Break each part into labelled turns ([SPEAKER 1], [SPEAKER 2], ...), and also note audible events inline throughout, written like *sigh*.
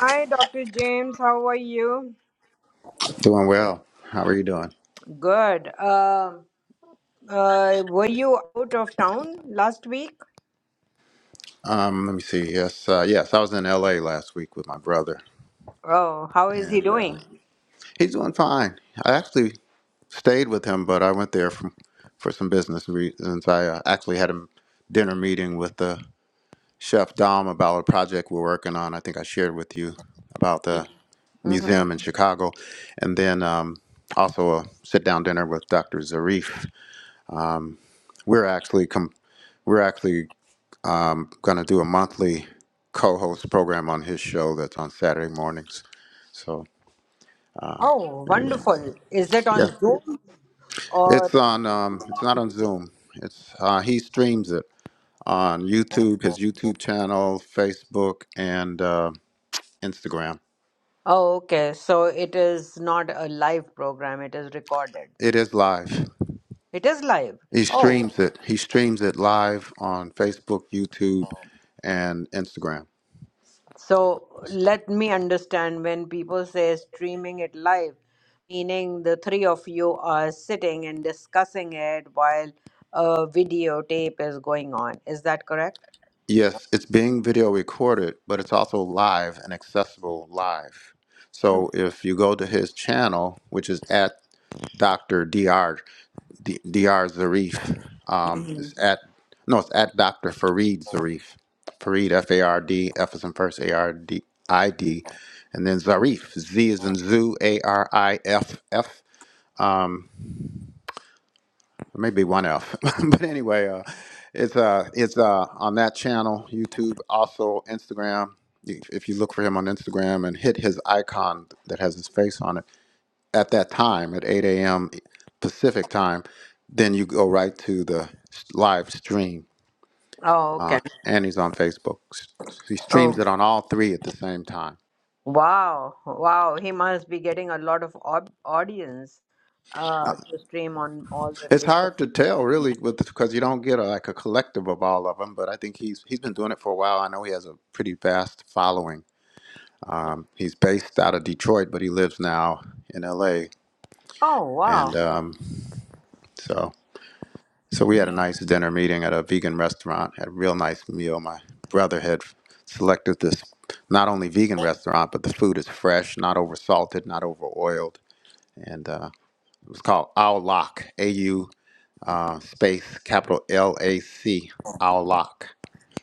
[SPEAKER 1] Hi, Dr. James. How are you?
[SPEAKER 2] Doing well. How are you doing?
[SPEAKER 1] Good. Um uh, were you out of town last week?
[SPEAKER 2] Um, let me see. Yes, uh, yes. I was in L.A. last week with my brother,
[SPEAKER 1] Oh, how is he
[SPEAKER 2] and uh,
[SPEAKER 1] doing?
[SPEAKER 2] he's doing fine. I actually stayed with him, but I went there from for some business reasons. I uh, actually had a dinner meeting with the chef Dom about a project we're working on. I think I shared with you about the
[SPEAKER 1] hmm
[SPEAKER 2] museum in Chicago, and then um, also a sit down dinner with Dr. Zarif. We're actually com- we're actually I'm going to do a monthly co host program on his show that's on Saturday mornings. So,
[SPEAKER 1] Oh,
[SPEAKER 2] anyway,
[SPEAKER 1] wonderful. Is that on
[SPEAKER 2] yeah.
[SPEAKER 1] Zoom
[SPEAKER 2] It's
[SPEAKER 1] or?
[SPEAKER 2] on, um, it's not on Zoom. It's uh, He streams it on YouTube, his YouTube channel, Facebook, and uh, Instagram.
[SPEAKER 1] Oh, okay. So it is not a live program, it is recorded.
[SPEAKER 2] It is live.
[SPEAKER 1] It is live.
[SPEAKER 2] He
[SPEAKER 1] Oh,
[SPEAKER 2] streams it. He streams it live on Facebook, YouTube, and Instagram.
[SPEAKER 1] So let me understand when people say streaming it live, meaning the three of you are sitting and discussing it while a videotape is going on. Is that correct?
[SPEAKER 2] Yes, it's being video recorded, but it's also live and accessible live. So if you go to his channel, which is at Dr. Dr. D- Dr. Zarif, um,
[SPEAKER 1] hmm
[SPEAKER 2] it's at no, it's at Dr. Farid Zarif, Farid F A R D F is in first A R D I D, and then Zarif Z is in zoo A R I F F maybe one F. *laughs* but anyway, uh, it's uh, it's uh, on that channel, YouTube, also Instagram. If if you look for him on Instagram and hit his icon that has his face on it at that time at 8 a.m. Pacific time, then you go right to the s- live stream.
[SPEAKER 1] Oh,
[SPEAKER 2] Uh,
[SPEAKER 1] okay.
[SPEAKER 2] and he's on Facebook. S- He streams
[SPEAKER 1] Oh,
[SPEAKER 2] it on all three at the same time.
[SPEAKER 1] wow. Wow. He must be getting a lot of au- audience uh, to stream on all the
[SPEAKER 2] It's
[SPEAKER 1] three.
[SPEAKER 2] hard
[SPEAKER 1] channels.
[SPEAKER 2] to tell, really, because you don't get a, like a collective of all of them. But I think he's he's been doing it for a while. I know he has a pretty vast following He's based out of Detroit, but he lives now in LA.
[SPEAKER 1] Oh,
[SPEAKER 2] And
[SPEAKER 1] wow.
[SPEAKER 2] um, so, so we had a nice dinner meeting at a vegan restaurant. Had a real nice meal. My brother had selected this not only vegan restaurant, but the food is fresh, not over salted, not over oiled, and uh, it was called Owl Lock, A U uh, space capital L A C Owl Lock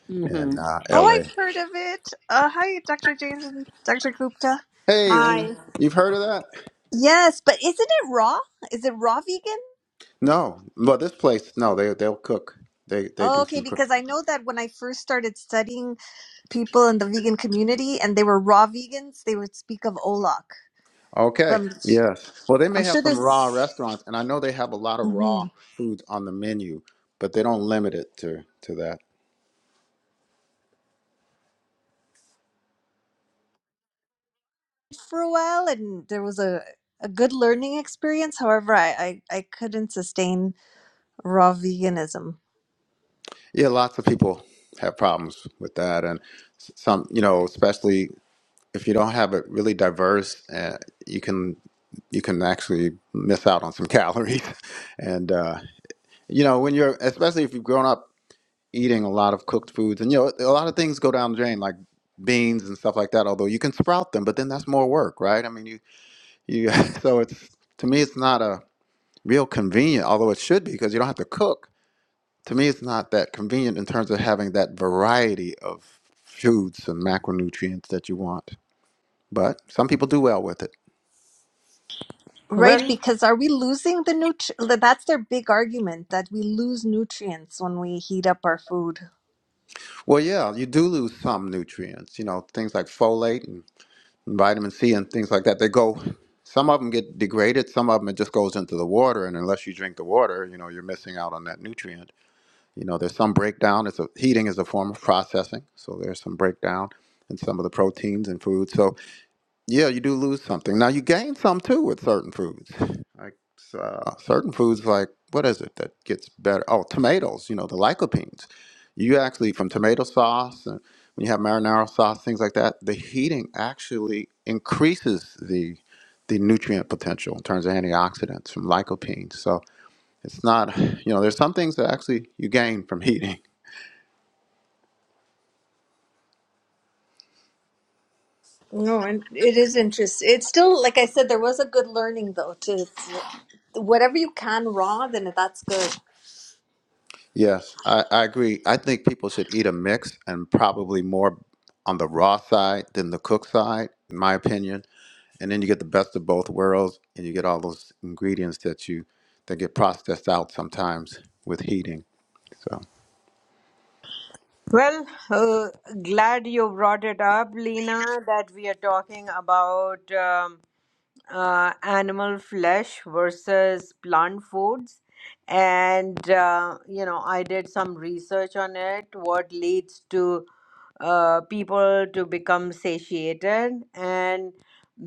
[SPEAKER 1] hmm
[SPEAKER 2] in uh,
[SPEAKER 3] Oh,
[SPEAKER 2] L A.
[SPEAKER 3] I've heard of it. Uh, hi, Dr. James and Dr. Gupta.
[SPEAKER 2] Hey, Lena,
[SPEAKER 1] Hi.
[SPEAKER 2] you've heard of that?
[SPEAKER 3] Yes, but isn't it raw? Is it raw vegan?
[SPEAKER 2] No, but this place, no, they they'll cook. They they
[SPEAKER 3] Oh,
[SPEAKER 2] do
[SPEAKER 3] okay,
[SPEAKER 2] some cook.
[SPEAKER 3] because I know that when I first started studying people in the vegan community and they were raw vegans, they would speak of Olak. But
[SPEAKER 2] Okay.
[SPEAKER 3] I'm,
[SPEAKER 2] Yes. Well, they
[SPEAKER 3] I'm
[SPEAKER 2] may have
[SPEAKER 3] sure
[SPEAKER 2] some raw
[SPEAKER 3] there's
[SPEAKER 2] restaurants, and I know they have a lot of raw
[SPEAKER 3] Mhm.
[SPEAKER 2] foods on the menu, but they don't limit it to to that.
[SPEAKER 3] for a while, and there was a, a good learning experience. However, I, I, I couldn't sustain raw veganism.
[SPEAKER 2] Yeah, lots of people have problems with that, and s- some, you know, especially if you don't have it really diverse, uh, you can you can actually miss out on some *laughs* calories, and uh, you know, when you're especially if you've grown up eating a lot of cooked foods, and you know, a lot of things go down the drain, like beans and stuff like that. Although you can sprout them, but then that's more work, right? I mean, you You *laughs* so it's to me it's not a real convenient, although it should be because you don't have to cook. To me, it's not that convenient in terms of having that variety of foods and macronutrients that you want. But some people do well with it.
[SPEAKER 3] Right,
[SPEAKER 1] Well,
[SPEAKER 3] because are we losing the nutri? That's their big argument that we lose nutrients when we heat up our food.
[SPEAKER 2] Well, yeah, you do lose some nutrients. You know, things like folate and vitamin C and things like that. They go. Some of them get degraded. Some of them it just goes into the water, and unless you drink the water, you know, you're missing out on that nutrient. You know, there's some breakdown. It's a, heating is a form of processing, so there's some breakdown in some of the proteins in food. So yeah, you do lose something. Now you gain some too with certain foods. Like uh, certain foods, like what is it that gets better? Oh, tomatoes. You know, the lycopenes. You actually from tomato sauce and when you have marinara sauce, things like that, the heating actually increases the the nutrient potential in terms of antioxidants from lycopenes. So it's not, you know, there's some things that actually you gain from *laughs* eating.
[SPEAKER 3] No, and it is interesting. It's still, like I said, there was a good learning though. To, to whatever you can raw, then that's good.
[SPEAKER 2] Yes, I, I agree. I think people should eat a mix and probably more on the raw side than the cooked side, in my opinion. And then you get the best of both worlds and you get all those ingredients that you that get processed out sometimes with heating. So
[SPEAKER 1] Well, uh, glad you brought it up, Lena, that we are talking about um, uh, animal flesh versus plant foods. And, uh, you know, I did some research on it, what leads to uh, people to become satiated, and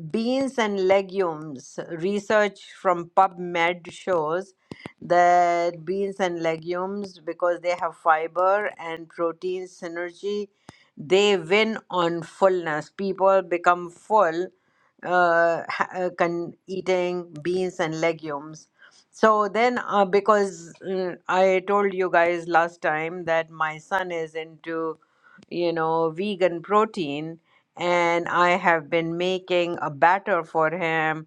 [SPEAKER 1] beans and legumes. Research from PubMed shows that beans and legumes, because they have fiber and protein synergy, they win on fullness. People become full uh, ha- uh, con- eating beans and legumes. So then, uh, because mm, I told you guys last time that my son is into you know, vegan protein, and I have been making a batter for him,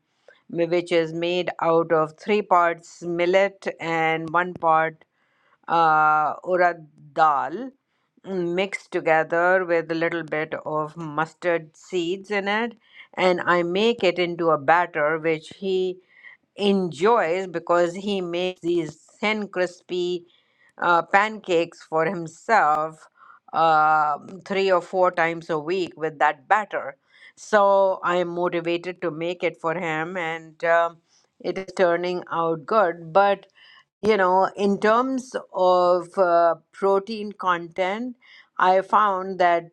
[SPEAKER 1] m- which is made out of three parts millet and one part uh, urad dal mm, mixed together with a little bit of mustard seeds in it and i make it into a batter which he enjoys because he makes these thin, crispy uh, pancakes for himself uh, three or four times a week with that batter. So I am motivated to make it for him, and um it is turning out good. But you know, in terms of uh, protein content, I found that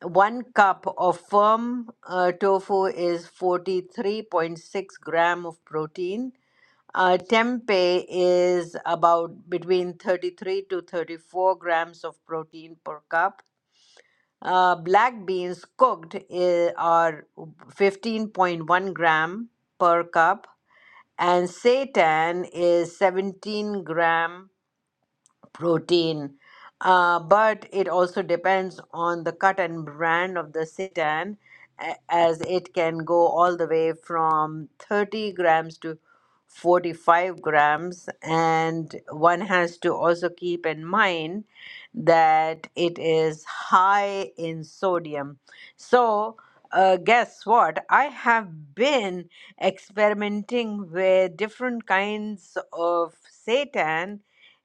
[SPEAKER 1] one cup of firm uh, tofu is 43.6 gram of protein uh, tempeh is about between 33 to 34 grams of protein per cup. Uh, black beans cooked i- are 15.1 gram per cup, and seitan is 17 gram protein. Uh, but it also depends on the cut and brand of the seitan, a- as it can go all the way from 30 grams to 45 grams. And one has to also keep in mind that it is high in sodium. So, uh, guess what? I have been experimenting with different kinds of seitan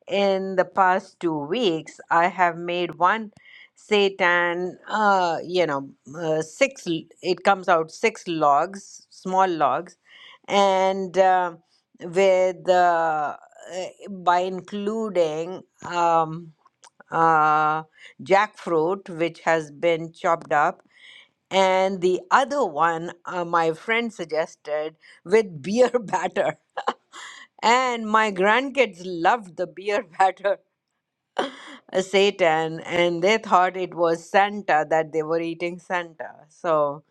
[SPEAKER 1] in the past two weeks i have made one seitan uh, you know uh, six l- it comes out six logs small logs and uh, with uh, uh, by including um, uh, jackfruit which has been chopped up and the other one uh, my friend suggested with beer *laughs* batter *laughs* And my grandkids loved the beer *laughs* batter uh, Satan, and they thought it was Santa that they were eating Santa. So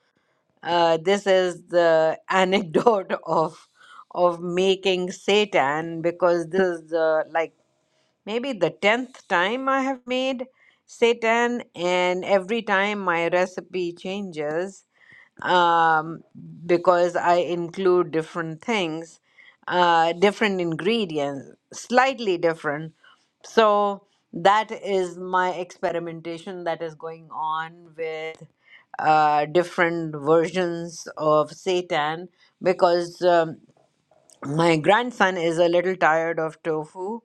[SPEAKER 1] uh, this is the *laughs* anecdote of of making Satan because this is the like maybe the 10th time I have made seitan, and every time my recipe changes um, because I include different things, uh, different ingredients, slightly different. So that is my experimentation that is going on with uh, different versions of seitan because um, my grandson is a little tired of tofu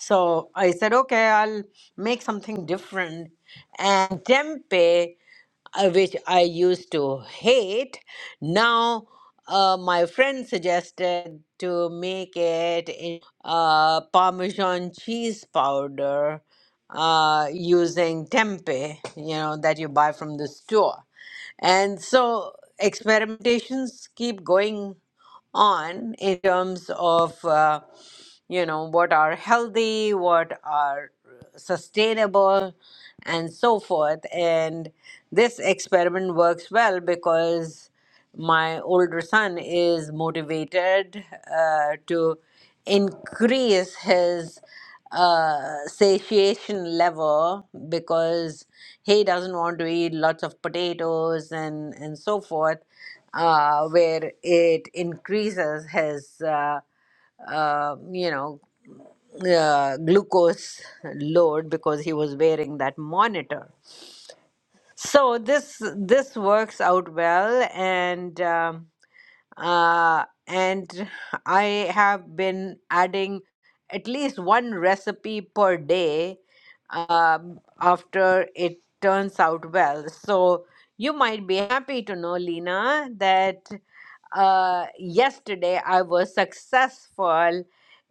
[SPEAKER 1] so I said, okay, I'll make something different. And tempeh, uh, which I used to hate, now uh, my friend suggested to make it in uh, Parmesan cheese powder uh, using tempeh, you know, that you buy from the store. And so experimentations keep going on in terms of uh, you know what are healthy what are sustainable and so forth and this experiment works well because my older son is motivated uh, to increase his uh, satiation level because he doesn't want to eat lots of potatoes and, and so forth, uh, where it increases his, uh, uh, you know, uh, glucose load because he was wearing that monitor. So this this works out well, and. Um, uh, and I have been adding at least one recipe per day um, after it turns out well. So you might be happy to know, Lena, that uh, yesterday I was successful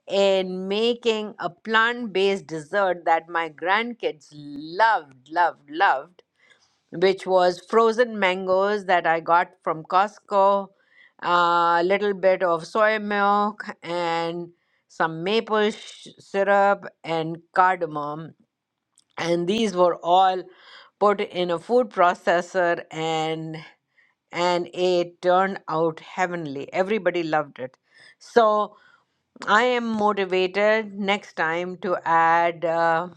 [SPEAKER 1] in making a plant based dessert that my grandkids loved, loved, loved which was frozen mangoes that I got from Costco, a little bit of soy milk, and some maple sh- syrup and cardamom. And these were all put in a food processor, and and it turned out heavenly. Everybody loved it. So I am motivated next time to add uh,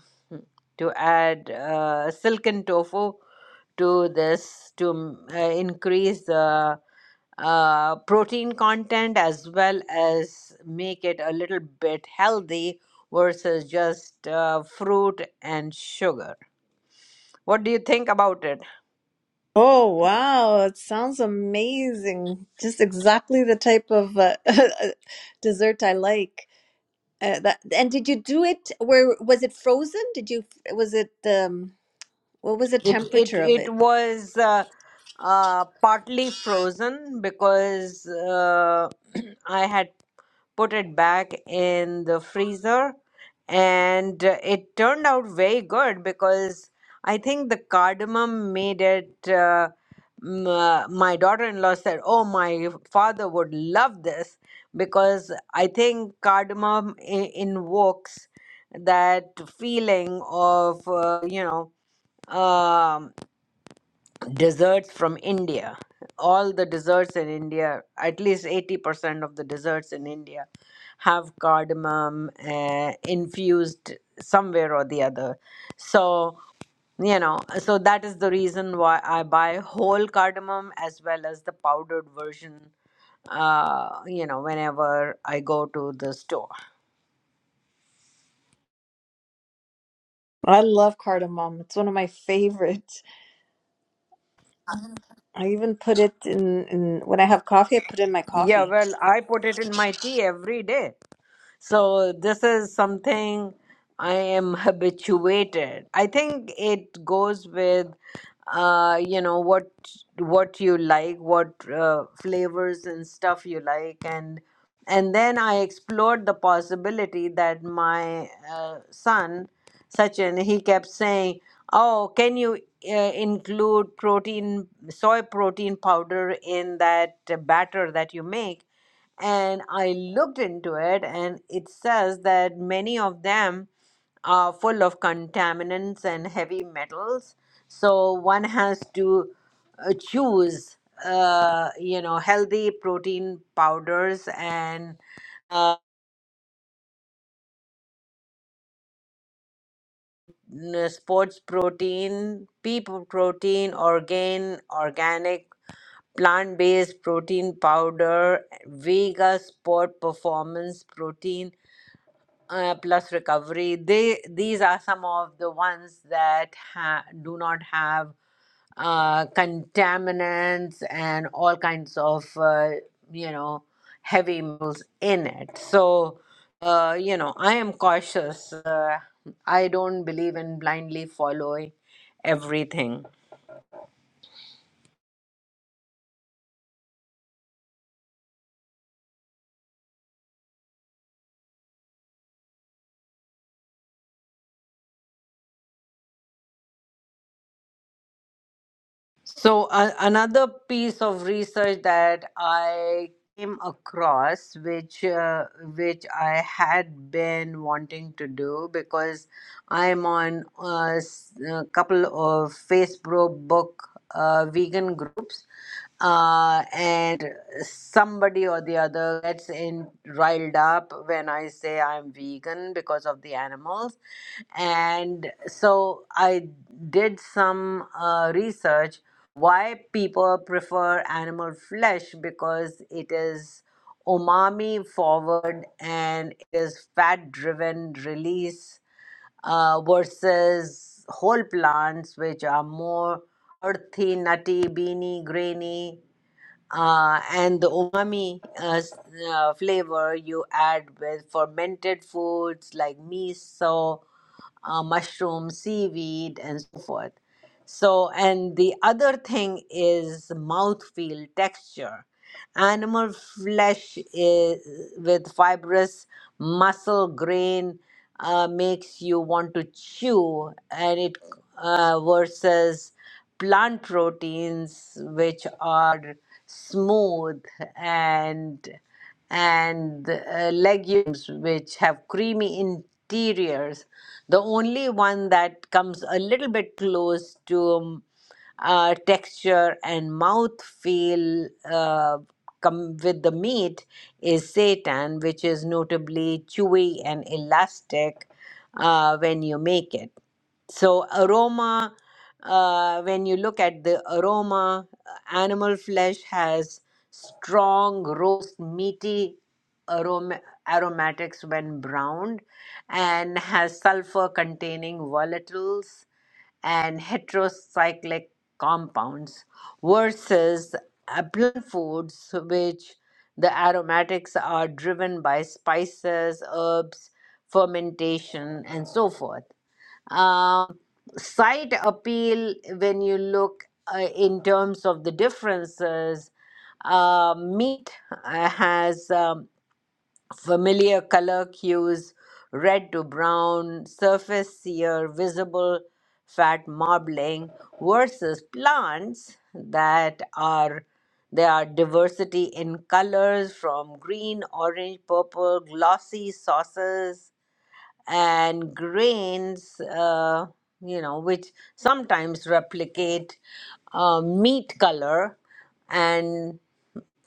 [SPEAKER 1] to add uh, silken tofu to this to mm, uh, increase the uh, protein content as well as make it a little bit healthy versus just uh, fruit and sugar. What do you think about it?
[SPEAKER 3] Oh wow, it sounds amazing! Just exactly the type of uh, *laughs* dessert I like. Uh, that and did you do it? Where was it frozen? Did you? Was it um? What was the
[SPEAKER 1] It it
[SPEAKER 3] temperature of it?
[SPEAKER 1] it was uh, uh, partly frozen because uh, *clears throat* I had put it back in the freezer and uh, it turned out very good because I think the cardamom made it. Uh, m- uh, my daughter-in-law said, "Oh, my father would love this because I think cardamom I- invokes that feeling of uh, you know." um, desserts from India. All the desserts in India, at least 80% of the desserts in India, have cardamom uh, infused somewhere or the other. So, you know, so that is the reason why I buy whole cardamom as well as the powdered version, uh, you know, whenever I go to the store.
[SPEAKER 3] I love cardamom. It's one of my favorites. I even put it in, in when I have coffee, I put it in my
[SPEAKER 1] Yeah,
[SPEAKER 3] coffee.
[SPEAKER 1] well, I put it in my tea every day. So this is something I am habituated. I think it goes with uh you know what what you like what uh, flavors and stuff you like and and then i explored the possibility that my uh, son sachin he kept saying oh can you uh, include protein soy protein powder in that batter that you make and I looked into it, and it says that many of them are full of contaminants and heavy metals. So one has to uh, choose, uh, you know, healthy protein powders and uh, n- sports protein, pea protein, organ, organic, plant-based protein powder, Vega Sport Performance Protein uh, plus recovery they these are some of the ones that ha- do not have uh, contaminants and all kinds of uh, you know heavy metals in it so uh, you know i am cautious uh, i don't believe in blindly following everything So, uh, another piece of research that I came across, which uh, which I had been wanting to do because I'm on a, s- a couple of Facebook book uh, vegan groups, uh, and somebody or the other gets in riled up when I say I'm vegan because of the animals, and so I did some uh, research why people prefer animal flesh because it is umami forward and it is fat driven release uh, versus whole plants which are more earthy nutty beany grainy uh, and the umami uh, s- uh, flavor you add with fermented foods like miso uh, mushroom, seaweed, and so forth. So, and the other thing is mouthfeel texture. Animal flesh is, with fibrous muscle grain uh, makes you want to chew, and it uh, versus plant proteins which are smooth and and uh, legumes which have creamy interiors the only one that comes a little bit close to um, uh, texture and mouth feel uh, come with the meat is seitan which is notably chewy and elastic uh, when you make it so, aroma, uh, when you look at the aroma, uh, animal flesh has strong, roast, meaty aroma- aromatics when browned and has sulfur containing volatiles and heterocyclic compounds versus uh, plant foods, which the aromatics are driven by spices, herbs, fermentation, and so forth. Um side appeal, when you look uh, in terms of the differences, uh, meat uh, has um, familiar color hues red to brown, surface sear, visible fat marbling, versus plants that are. There are diversity in colors from green, orange, purple, glossy sauces and grains, uh, you know, which sometimes replicate uh, meat color and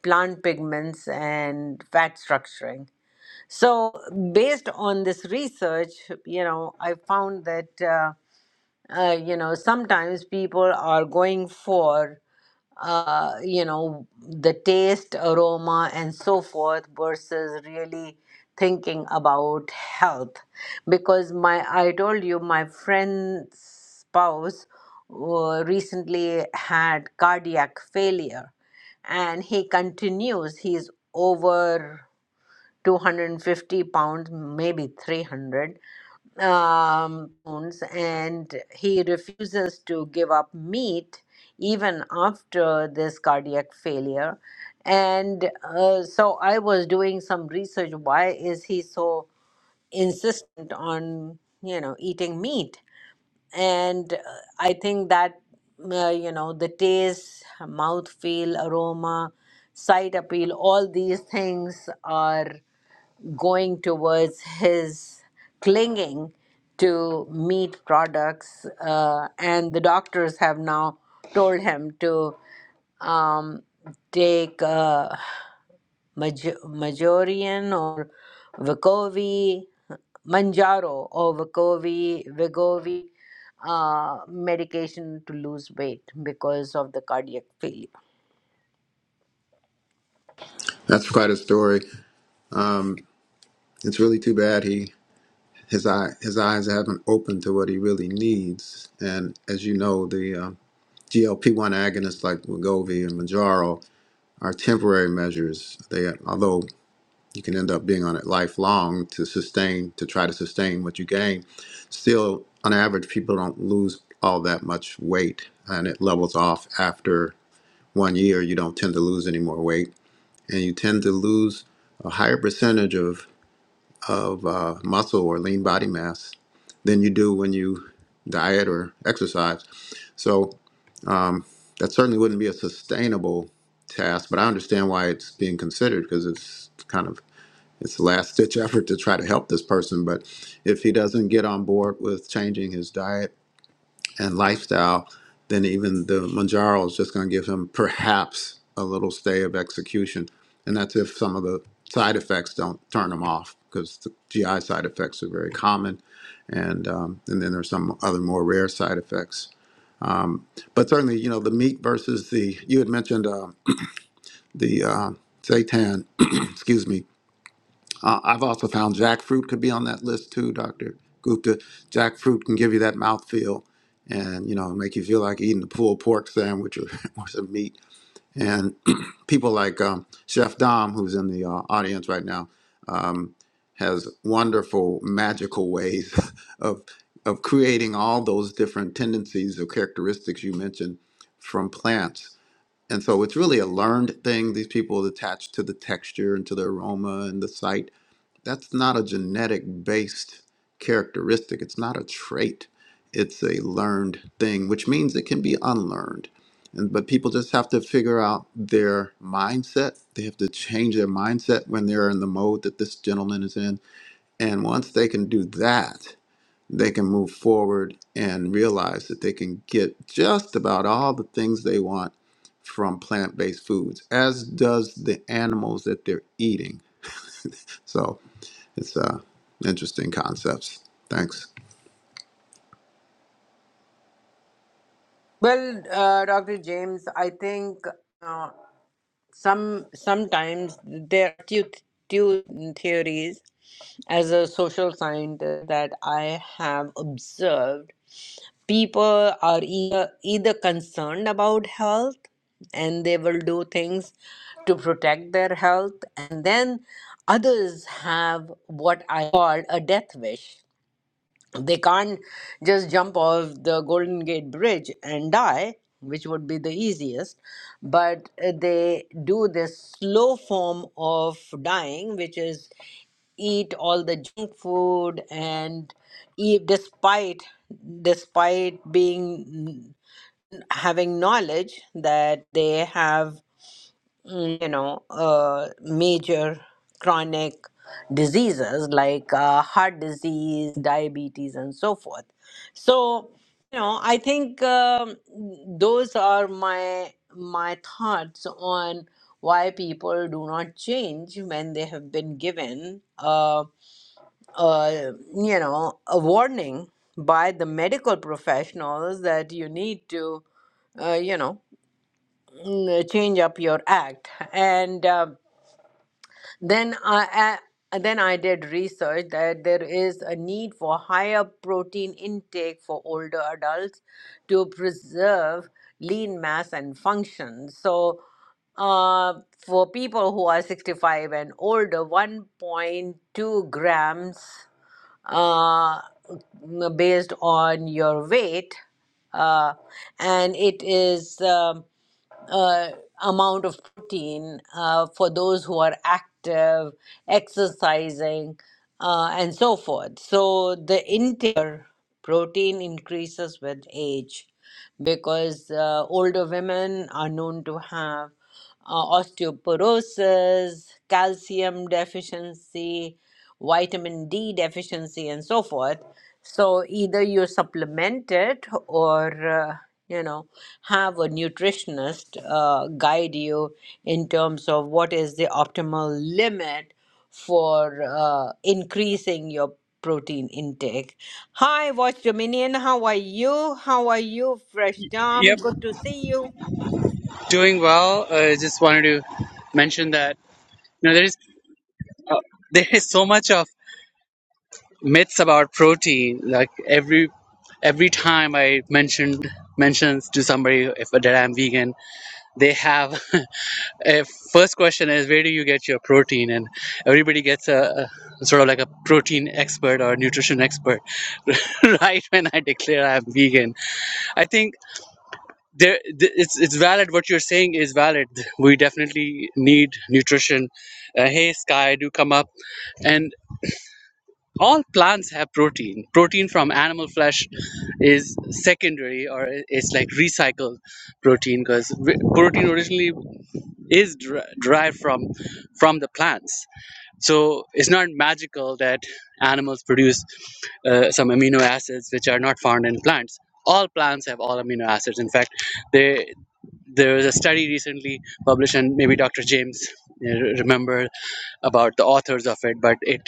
[SPEAKER 1] plant pigments and fat structuring. So, based on this research, you know, I found that. Uh, uh, you know, sometimes people are going for uh, you know, the taste, aroma, and so forth versus really thinking about health. Because my, I told you, my friend's spouse uh, recently had cardiac failure and he continues, he's over 250 pounds, maybe 300 um, bones, and he refuses to give up meat even after this cardiac failure. And uh, so I was doing some research. Why is he so insistent on you know eating meat? And uh, I think that uh, you know the taste, mouth feel, aroma, sight appeal, all these things are going towards his clinging to meat products, uh, and the doctors have now told him to um, take uh, Maj- Majorian or Vicovi, Manjaro or Vicovi, Vigovi uh, medication to lose weight because of the cardiac failure.
[SPEAKER 2] that's quite a story. Um, it's really too bad he his eye his eyes haven't opened to what he really needs. And as you know, the um, GLP one agonists like Wegovy and Manjaro are temporary measures. They, although you can end up being on it lifelong to sustain, to try to sustain what you gain, still, on average, people don't lose all that much weight, and it levels off after one year. You don't tend to lose any more weight, and you tend to lose a higher percentage of of uh, muscle or lean body mass than you do when you diet or exercise. So that certainly wouldn't be a sustainable task, but I understand why it's being considered because it's kind of it's a last ditch effort to try to help this person. But if he doesn't get on board with changing his diet and lifestyle, then even the Manjaro is just going to give him perhaps a little stay of execution. And that's if some of the side effects don't turn him off, because the GI side effects are very common. And, um, and then there's some other more rare side effects. Um, but certainly, you know, the meat versus the, you had mentioned uh, the uh, seitan, *clears throat* excuse me, uh, I've also found jackfruit could be on that list too, Dr. Gupta. Jackfruit can give you that mouthfeel and, you know, make you feel like eating a pulled pork sandwich or, *laughs* or some meat. And *clears throat* people like um, Chef Dom, who's in the uh, audience right now, um, has wonderful, magical ways *laughs* of, of creating all those different tendencies or characteristics you mentioned from plants. And so it's really a learned thing. These people attach to the texture and to the aroma and the sight that's not a genetic based characteristic. It's not a trait. It's a learned thing, which means it can be unlearned. And, but people just have to figure out their mindset. They have to change their mindset when they're in the mode that this gentleman is in. And once they can do that, they can move forward and realize that they can get just about all the things they want from plant based foods, as does the animals that they're eating. *laughs* So it's uh, interesting concepts. Thanks.
[SPEAKER 1] Well, uh, Dr. James, I think. uh, some sometimes there are two, two theories as a social scientist that I have observed. People are either, either concerned about health and they will do things to protect their health, and then others have what I call a death wish they can't just jump off the golden gate bridge and die which would be the easiest but uh, they do this slow form of dying which is eat all the junk food and eat despite despite being mm, having knowledge that they have mm, you know, uh, major chronic diseases like uh, heart disease, diabetes, and so forth. So, you know, I think um, those are my my thoughts on why people do not change when they have been given, uh, uh, you know, a warning by the medical professionals that you need to, uh, you know, mm, change up your act and. um then I, I then I did research that there is a need for higher protein intake for older adults to preserve lean mass and function. So, uh, for people who are 65 and older, 1.2 grams uh, based on your weight, uh, and it is. Um, uh, amount of protein uh, for those who are active, exercising, uh, and so forth. So the intake of protein increases with age because uh, older women are known to have uh, osteoporosis, calcium deficiency, vitamin D deficiency, and so forth. So either you supplement it or uh, you know have a nutritionist uh, guide you in terms of what is the optimal limit for uh, increasing your protein intake. Hi, Watch Dominion. How are you? How are you, Fresh Dom?
[SPEAKER 4] Yep,
[SPEAKER 1] Good to see you.
[SPEAKER 4] doing well. I just wanted to mention that you know there is uh, *laughs* there is so much of myths about protein. Like every every time I mentioned mentions to somebody if that I'm vegan, they have *laughs* a first question is where do you get your protein? And everybody gets a, a sort of like a protein expert or nutrition expert *laughs* right when I declare I'm vegan. I think. there th- it's it's valid what you're saying is valid we definitely need nutrition uh, hey sky do come up and all plants have protein protein from animal flesh is secondary or i- it's like recycled protein because protein originally is der- derived from from the plants so it's not magical that animals produce uh, some amino acids which are not found in plants all plants have all amino acids in fact there was a study recently published, and maybe Dr. James uh, remember about the authors of it, but it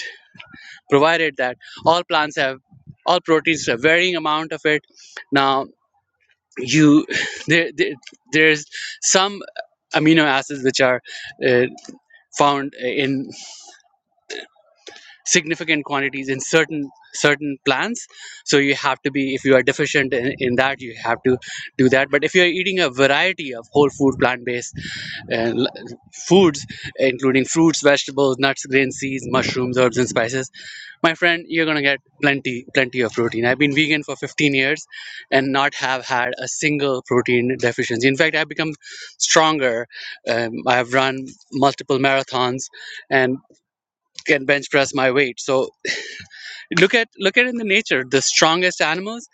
[SPEAKER 4] provided that all plants have all proteins have varying amount of it. Now you *laughs* there, there there's some amino acids which are uh, found in significant quantities in certain certain plants so you have to be if you are deficient in, in that you have to do that but if you are eating a variety of whole food plant-based uh, l- foods including fruits vegetables nuts grains seeds mushrooms herbs and spices my friend you're going to get plenty plenty of protein i've been vegan for 15 years and not have had a single protein deficiency in fact i've become stronger um, i've run multiple marathons and can bench press my weight so Look at look at in the nature, the strongest animals,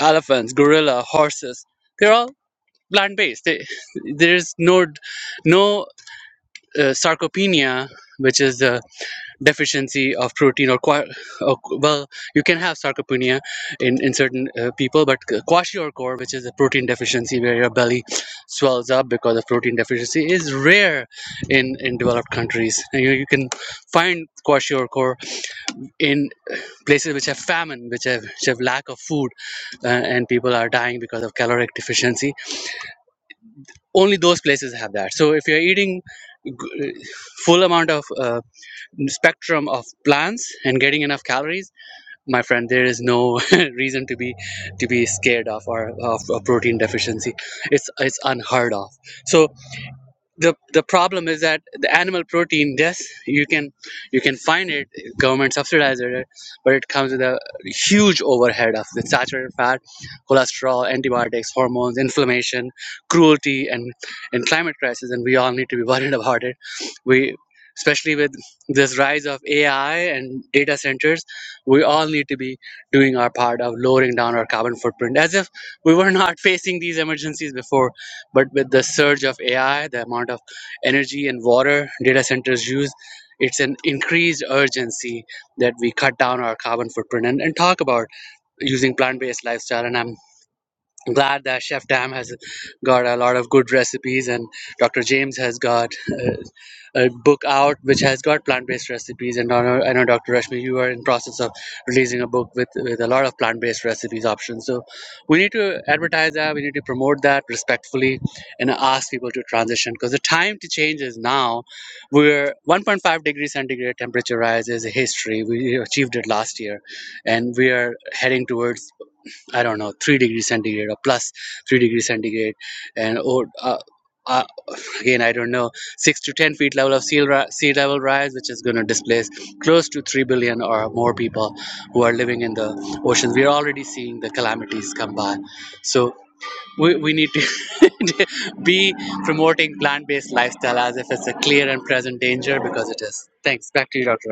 [SPEAKER 4] elephants, gorilla, horses, they're all plant based. They, there's no no uh, sarcopenia, which is the deficiency of protein or, qua- or well, you can have sarcopenia in in certain uh, people, but kwashiorkor, which is a protein deficiency where your belly swells up because of protein deficiency, is rare in in developed countries. And you, you can find kwashiorkor in places which have famine, which have, which have lack of food, uh, and people are dying because of caloric deficiency. Only those places have that. So if you're eating full amount of uh, spectrum of plants and getting enough calories, my friend, there is no *laughs* reason to be to be scared of or of a protein deficiency. It's it's unheard of. So the the problem is that the animal protein yes you can you can find it government subsidizes it but it comes with a huge overhead of the saturated fat cholesterol antibiotics hormones inflammation cruelty and and climate crisis and we all need to be *laughs* worried about it we especially with this rise of ai and data centers we all need to be doing our part of lowering down our carbon footprint as if we were not *laughs* facing these emergencies before but with the surge of AI, the amount of energy and water data centers use, it's an increased urgency that we cut down our carbon footprint and, and talk about using plant-based lifestyle. And I'm glad that Chef Tam has got a lot of good recipes, and Dr. James has got. uh, a book out which has got plant-based recipes and I know, I know dr rashmi you are in process of releasing a book with, with a lot of plant-based recipes options so we need to advertise that we need to promote that respectfully and ask people to transition because the time to change is now we're 1.5 degrees centigrade temperature rise is a history we achieved it last year and we are heading towards I don't know, three degrees centigrade or plus three degrees centigrade, and or uh, uh, again I don't know, six to ten feet level of sea, ri- sea level rise, which is going to displace close to three billion or more people who are living in the oceans. We're already seeing the calamities come by, so. We, we need to *laughs* be promoting plant-based lifestyle as if it's a clear and present danger because it is. Thanks. Back to you, Dr.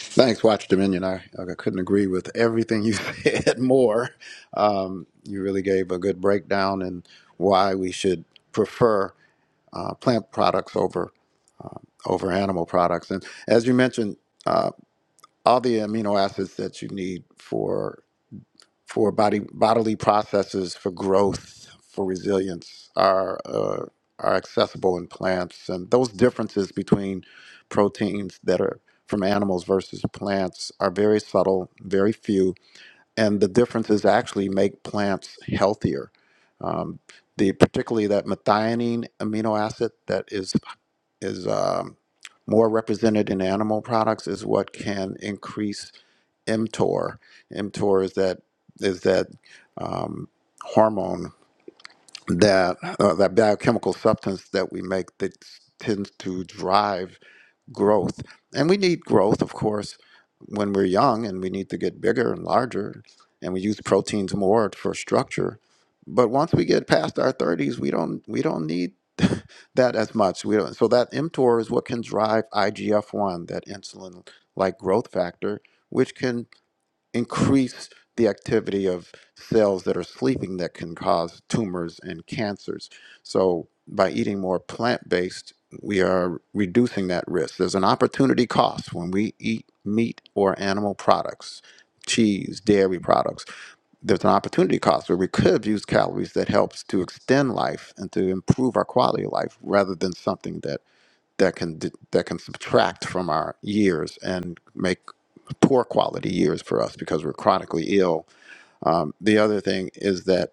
[SPEAKER 2] Thanks, Watch Dominion. I, I couldn't agree with everything you *laughs* said more. Um, you really gave a good breakdown and why we should prefer uh, plant products over over animal products. And as you mentioned, uh, all the amino acids that you need for for body bodily processes for growth for resilience are uh, are accessible in plants and those differences between proteins that are from animals versus plants are very subtle very few and the differences actually make plants healthier um, the particularly that methionine amino acid that is is um, more represented in animal products is what can increase mTOR. mTOR is that is that um, hormone that uh, that biochemical substance that we make that tends to drive growth. And we need growth, of course, when we're young, and we need to get bigger and larger, and we use proteins more for structure. But once we get past our 30s, we don't we don't need *laughs* that as much. We don't, so that mTOR is what can drive IGF-1, that insulin-like growth factor, which can increase the activity of cells that are sleeping that can cause tumors and cancers. So, by eating more plant based, we are reducing that risk. There's an opportunity cost when we eat meat or animal products, cheese, dairy products. There's an opportunity cost where we could have used calories that helps to extend life and to improve our quality of life rather than something that that can d- that can subtract from our years and make poor quality years for us because we're chronically ill. Um, the other thing is that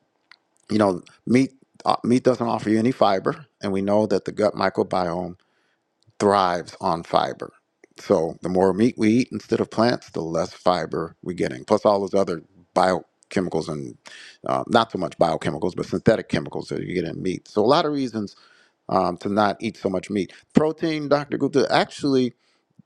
[SPEAKER 2] you know meat uh, meat doesn't offer you any fiber, and we know that the gut microbiome thrives on fiber. So the more meat we eat instead of plants, the less fiber we're getting. Plus all those other biochemicals and uh, not so much biochemicals, but synthetic chemicals that you get in meat. So a lot of reasons um, to not eat so much meat. Protein, Dr. Gupta, actually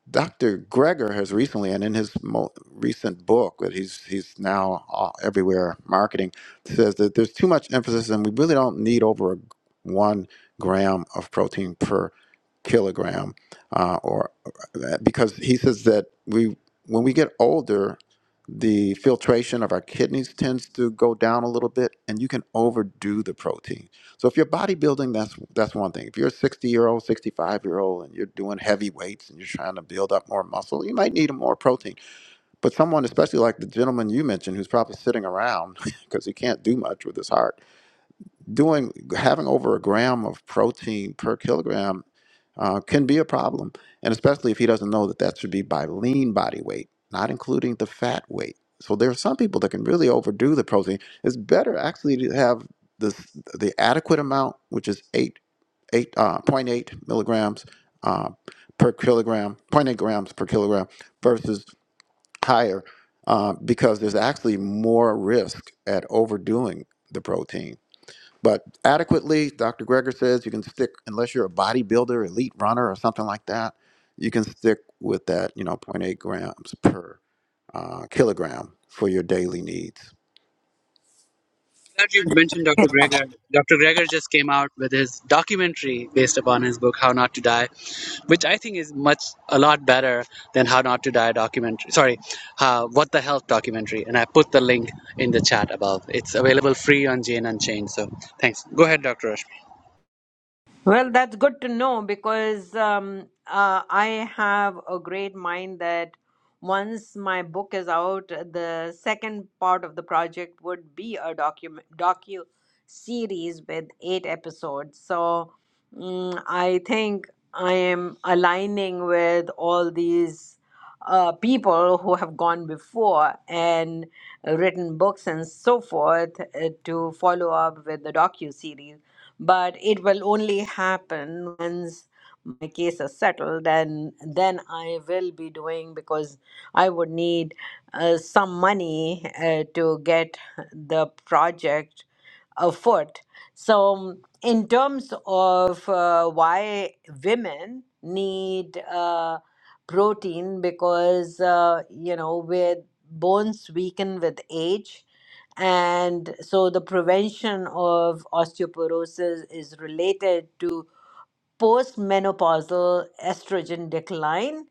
[SPEAKER 2] Dr. Greger has recently, and in his mo- recent book that he's he's now all, everywhere marketing, says that there's too much emphasis, and we really don't need over a, one gram of protein per kilogram, uh, or uh, because he says that we when we get older, the filtration of our kidneys tends to go down a little bit, and you can overdo the protein so if you're bodybuilding, that's that's one thing. If you're a 60 year old, 65 year old, and you're doing heavy weights and you're trying to build up more muscle, you might need more protein. But someone, especially like the gentleman you mentioned, who's probably sitting around because *laughs* he can't do much with his heart, doing having over a gram of protein per kilogram uh, can be a problem, and especially if he doesn't know that that should be by lean body weight, not including the fat weight. So there are some people that can really overdo the protein. It's better actually to have the the adequate amount, which is eight eight uh, point 0.8 milligrams uh, per kilogram, point eight grams per kilogram, versus higher, uh, because there's actually more risk at overdoing the protein. But adequately, Dr. Greger says you can stick, unless you're a bodybuilder, elite runner, or something like that, you can stick with that, you know, zero point 0.8 grams per uh, kilogram for your daily needs.
[SPEAKER 4] glad you mentioned Dr. Greger. Dr. Greger just came out with his documentary based upon his book How Not to Die, which I think is much a lot better than How Not to Die documentary. Sorry, uh, What the Health documentary. And I put the link in the chat above. It's available free on Jane Unchained. So thanks. Go ahead, Dr. Rush.
[SPEAKER 1] Well, that's good to know because um, uh, I have a great mind that once my book is out, the second part of the project would be a document docu series with eight episodes. So mm I think I am aligning with all these uh, people who have gone before and written books and so forth uh, to follow up with the docu series but it will only happen once my case is settled and then i will be doing because i would need uh, some money uh, to get the project afoot so in terms of uh, why women need uh, protein because uh, you know with bones weaken with age and so the prevention of osteoporosis is related to postmenopausal estrogen decline.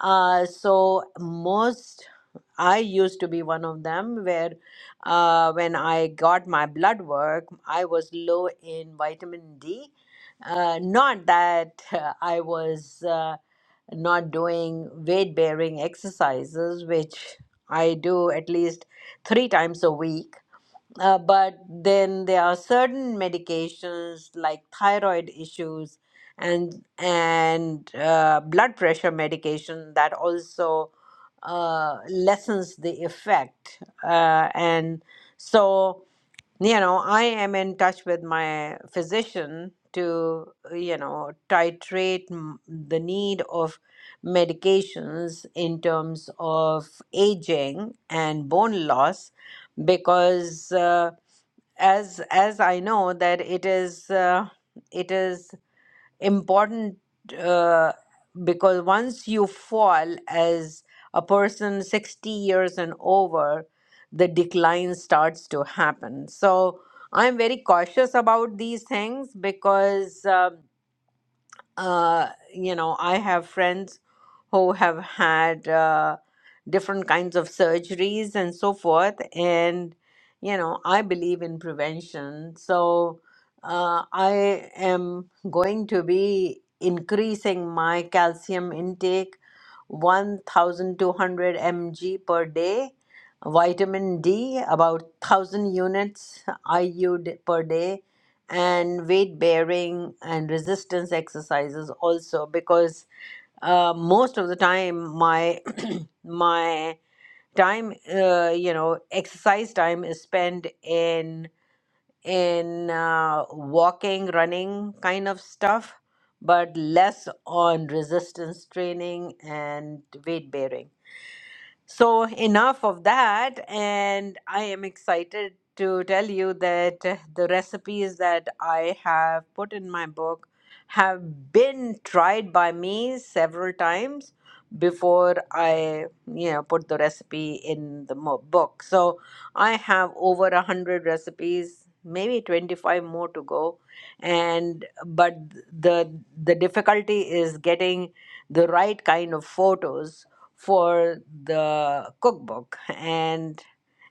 [SPEAKER 1] Uh, so most I used to be one of them where uh, when I got my blood work, I was low in vitamin D. Uh, not that uh, I was uh, not doing weight bearing exercises, which I do at least three times a week uh, but then there are certain medications like thyroid issues and and uh, blood pressure medication that also uh, lessens the effect. Uh, and so, you know, I am in touch with my physician to, you know, titrate m- the need of medications in terms of aging and bone loss because. Uh, as as I know that it is uh, it is important uh, because once you fall as a person 60 years and over, the decline starts to happen. So I'm very cautious about these things because uh, uh, you know, I have friends who have had uh, different kinds of surgeries and so forth. And, you know, I believe in prevention. So uh, I am going to be increasing my calcium intake 1,200 mg per day. Vitamin D, about 1,000 units IU per day and weight bearing and resistance exercises also because uh, most of the time my *clears throat* my time uh, you know exercise time is spent in in uh, walking running kind of stuff but less on resistance training and weight bearing so, enough of that. And I am excited to tell you that uh, the recipes that I have put in my book have been tried by me several times before I, you know, put the recipe in the mo- book. So, I have over a hundred recipes, maybe 25 more to go. And but the the difficulty is getting the right kind of photos for the cookbook and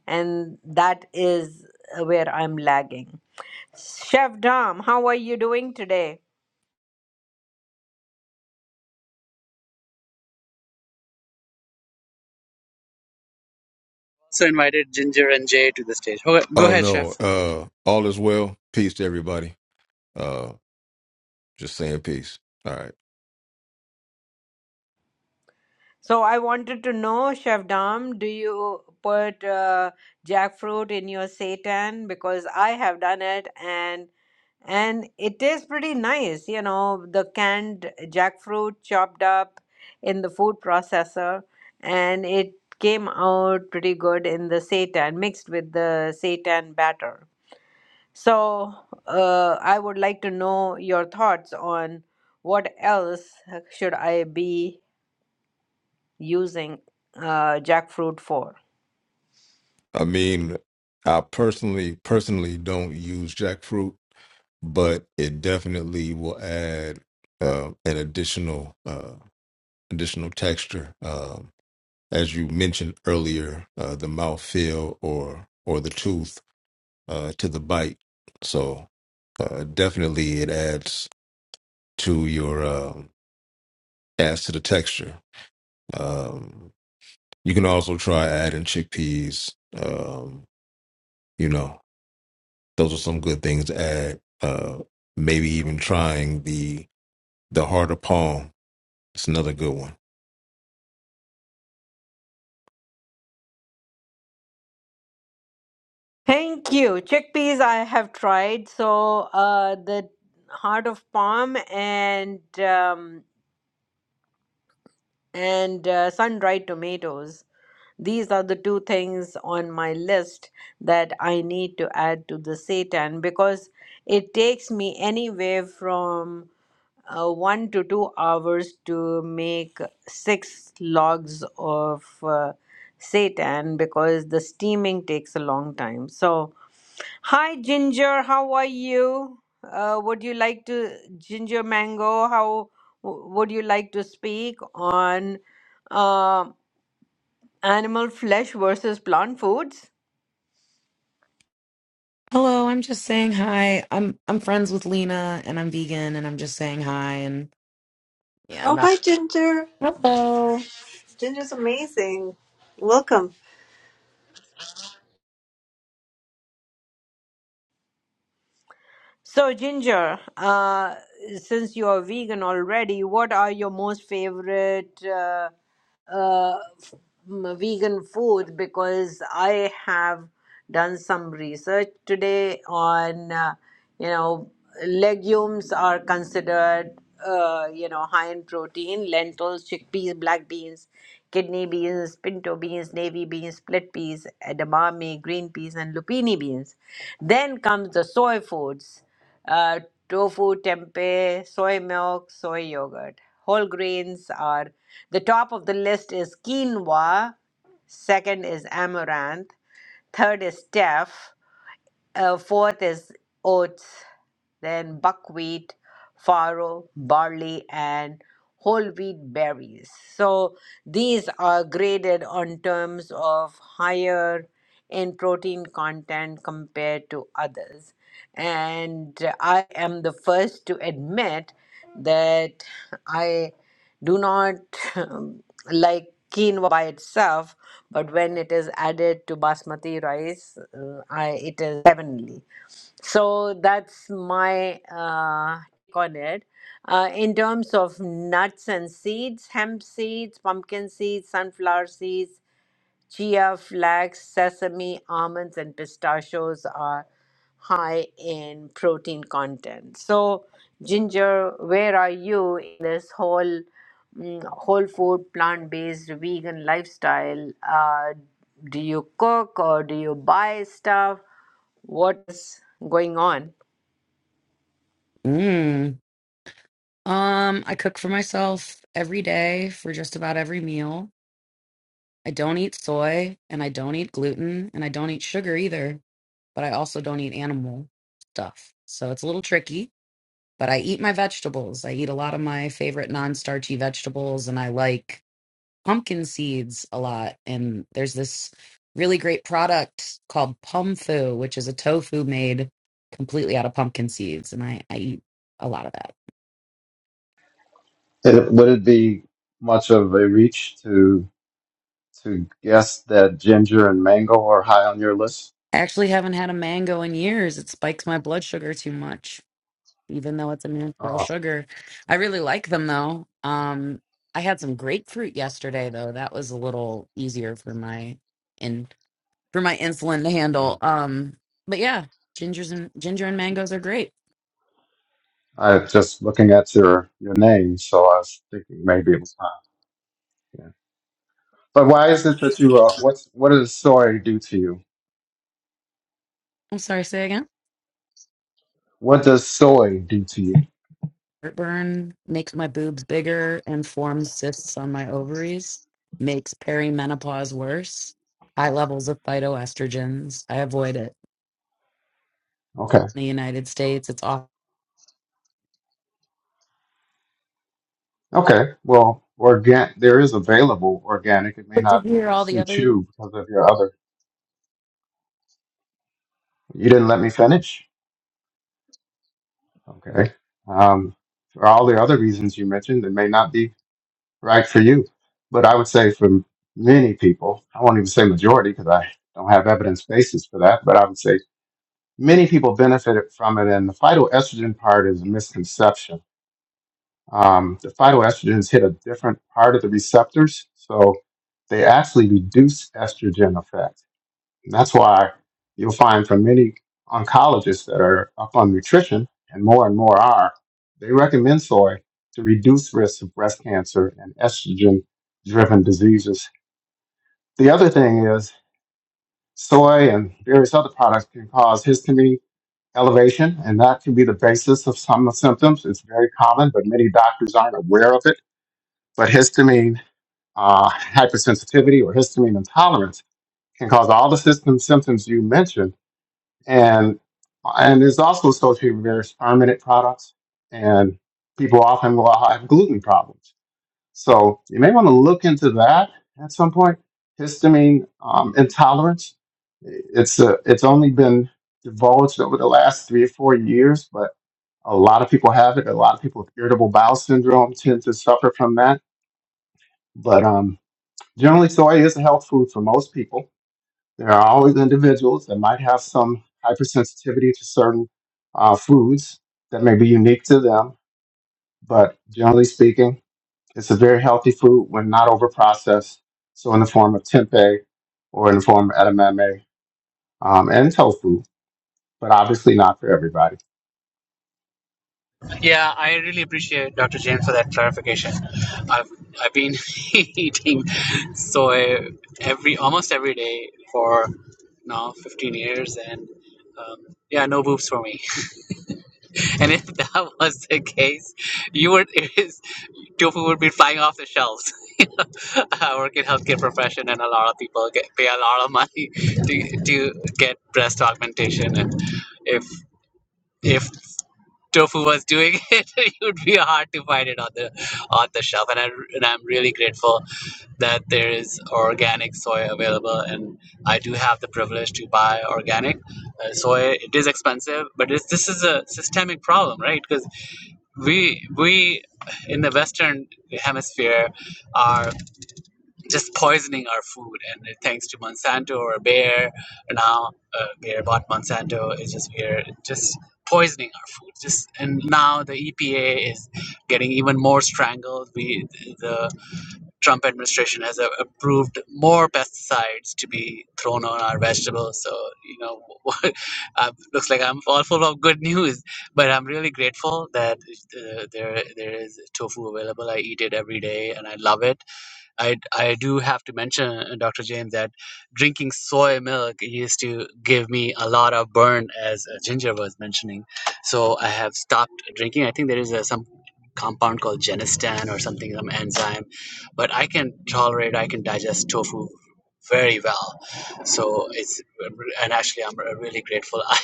[SPEAKER 1] and that is where I'm lagging. Chef Dom, how are you doing today?
[SPEAKER 4] Also invited Ginger and Jay to the stage. Ho- Go
[SPEAKER 5] Oh
[SPEAKER 4] ahead, Chef.
[SPEAKER 5] no. Uh all is well. Peace to everybody. Uh just saying peace. All right.
[SPEAKER 1] So I wanted to know, Chef Dom, do you put uh, jackfruit in your seitan? Because I have done it, and And it tastes pretty nice, you know, the canned jackfruit chopped up in the food processor, and it came out pretty good in the seitan, mixed with the seitan batter. So, uh, I would like to know your thoughts on what else should I be using uh, jackfruit for.
[SPEAKER 5] I mean, I personally personally don't use jackfruit, but it definitely will add uh an additional uh additional texture. Um as you mentioned earlier, uh the mouthfeel or or the tooth uh to the bite. So uh, definitely it adds to your um adds to the texture. Um You can also try adding chickpeas. Um, you know, those are some good things to add. Uh, maybe even trying the the heart of palm. It's another good one.
[SPEAKER 1] Thank you. Chickpeas I have tried, so uh, the heart of palm and. Um, and uh, sun-dried tomatoes. These are the two things on my list that I need to add to the seitan because it takes me anywhere from uh, one to two hours to make six logs of uh, seitan because the steaming takes a long time. So Hi, Ginger. How are you? Uh, would you like to, Ginger Mango, how w- would you like to speak on uh, animal flesh versus plant foods?
[SPEAKER 6] Hello, I'm just saying hi. I'm I'm friends with Lena and I'm vegan and I'm just saying hi and yeah, I'm
[SPEAKER 3] Oh,
[SPEAKER 6] not.
[SPEAKER 3] hi, Ginger.
[SPEAKER 6] Hello.
[SPEAKER 3] Ginger's amazing. Welcome.
[SPEAKER 1] So, Ginger, uh, since you're vegan already, what are your most favorite uh, uh, f- m- vegan food? Because I have done some research today on, uh, you know, legumes are considered, uh, you know, high in protein, lentils, chickpeas, black beans, kidney beans, pinto beans, navy beans, split peas, edamame, green peas, and lupini beans. Then comes the soy foods uh, tofu, tempeh, soy milk, soy yogurt. Whole grains are the top of the list is quinoa, second is amaranth, third is teff, uh, fourth is oats, then buckwheat, farro, barley, and whole wheat berries. So these are graded on terms of higher in protein content compared to others. And I am the first to admit that I do not *laughs* like quinoa by itself but when it is added to basmati rice, uh, I, it is heavenly. So that's my uh, take on it. Uh, in terms of nuts and seeds, hemp seeds, pumpkin seeds, sunflower seeds, Chia, flax, sesame, almonds, and pistachios are high in protein content. So, Ginger, where are you in this whole mm, whole food, plant based, vegan lifestyle? Uh, do you cook or do you buy stuff? What's going on?
[SPEAKER 6] Mm. Um, I cook for myself every day for just about every meal. I don't eat soy and I don't eat gluten and I don't eat sugar either, but I also don't eat animal stuff. So it's a little tricky, but I eat my vegetables. I eat a lot of my favorite non-starchy vegetables and I like pumpkin seeds a lot. And there's this really great product called Pumfu, which is a tofu made completely out of pumpkin seeds. And I, I eat a lot of that.
[SPEAKER 2] It, would it be much of a reach to to guess that ginger and mango are high on your list?
[SPEAKER 6] I actually haven't had a mango in years. It spikes my blood sugar too much, even though it's a natural
[SPEAKER 2] Oh,
[SPEAKER 6] sugar. I really like them though. Um, I had some grapefruit yesterday though. That was a little easier for my in for my insulin to handle. Um, but yeah, gingers and ginger and mangoes are great.
[SPEAKER 2] I was just looking at your your name, so I was thinking maybe it was high. Yeah. But why is it that you? Uh, what's what does soy do to you?
[SPEAKER 6] I'm sorry, say again.
[SPEAKER 2] What does soy do to you?
[SPEAKER 6] Heartburn makes my boobs bigger and forms cysts on my ovaries, makes perimenopause worse, high levels of phytoestrogens. I avoid it.
[SPEAKER 2] Okay.
[SPEAKER 6] In the United States, it's awful.
[SPEAKER 2] Okay. Well, organ there is available organic. It may
[SPEAKER 6] But did
[SPEAKER 2] not
[SPEAKER 6] you hear all the
[SPEAKER 2] suit
[SPEAKER 6] other?
[SPEAKER 2] you because of your other. You didn't let me finish. Okay. Um, for all the other reasons you mentioned, it may not be right for you. But I would say for many people, I won't even say majority because I don't have evidence basis for that. But I would say many people benefited from it, and the phytoestrogen part is a misconception um, the phytoestrogens hit a different part of the receptors, so they actually reduce estrogen effect. And that's why you'll find from many oncologists that are up on nutrition, and more and more are, they recommend soy to reduce risk of breast cancer and estrogen-driven diseases. The other thing is soy and various other products can cause histamine elevation, and that can be the basis of some of the symptoms. It's very common, but many doctors aren't aware of it but histamine uh, hypersensitivity or histamine intolerance can cause all the system symptoms you mentioned, and and is also associated with various fermented products. And people often will have gluten problems, so you may want to look into that at some point. Histamine um, intolerance. It's a, it's only been divulged over the last three or four years, but a lot of people have it. A lot of people with irritable bowel syndrome tend to suffer from that. But um, Generally, soy is a health food for most people. There are always individuals that might have some hypersensitivity to certain uh, foods that may be unique to them, but generally speaking, it's a very healthy food when not overprocessed. So, in the form of tempeh or in the form of edamame um, and tofu, but obviously not for everybody.
[SPEAKER 4] Yeah, I really appreciate Dr. James for that clarification. I've I've been *laughs* eating soy every almost every day for now 15 years, and um, yeah, no boobs for me. *laughs* And if that was the case, you would *laughs* it is, tofu would be flying off the shelves. *laughs* You know, I work in healthcare profession, and a lot of people get pay a lot of money *laughs* to to get breast augmentation, and if if Tofu was doing *laughs* it, it would be hard to find it on the on the shelf. And, I, and I'm really grateful that there is organic soy available, and I do have the privilege to buy organic uh, soy. It is expensive, but it's, this is a systemic problem, right? Because we we in the Western Hemisphere are just poisoning our food. And thanks to Monsanto or Bayer, now uh, Bayer bought Monsanto. It's just we're just poisoning our food. Just and now the EPA is getting even more strangled. We the Trump administration has a- approved more pesticides to be thrown on our vegetables. So you know, *laughs* uh, looks like I'm all full of good news. But I'm really grateful that uh, there there is tofu available. I eat it every day and I love it I, I do have to mention, uh, Dr. James, that drinking soy milk used to give me a lot of burn, as uh, Ginger was mentioning. So I have stopped drinking. I think there is uh, some compound called genistan or something, some enzyme, but I can tolerate, I can digest tofu very well. So it's, uh, and actually, I'm uh, really grateful. *laughs* I,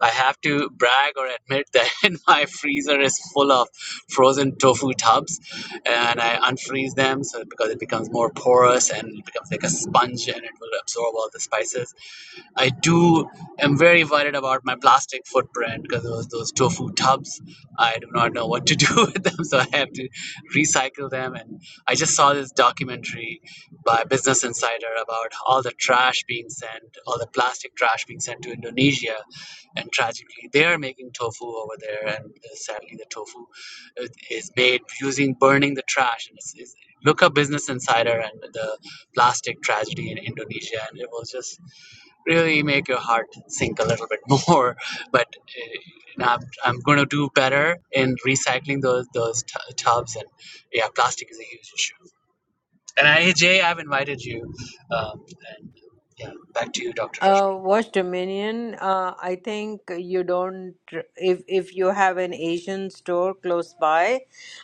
[SPEAKER 4] I have to brag or admit that *laughs* my freezer is full of frozen tofu tubs and I unfreeze them so because it becomes more porous and it becomes like a sponge and it will absorb all the spices. I do am very worried about my plastic footprint because those those tofu tubs, I do not know what to do *laughs* with them, so I have to recycle them. And I just saw this documentary by Business Insider about all the trash being sent, all the plastic trash being sent to Indonesia, and tragically they are making tofu over there, and uh, sadly the tofu is is made using burning the trash. And it's, it's, look up Business Insider and the plastic tragedy in Indonesia, and it was just really make your heart sink a little bit *laughs* more. But uh, now I'm, I'm going to do better in recycling those those t- tubs. And yeah, plastic is a huge issue. And I, Jay, I've invited you. Um, and yeah, back to you, Dr. Rashmi.
[SPEAKER 1] Uh, Watch Dominion. Uh, I think you don't. If if you have an Asian store close by,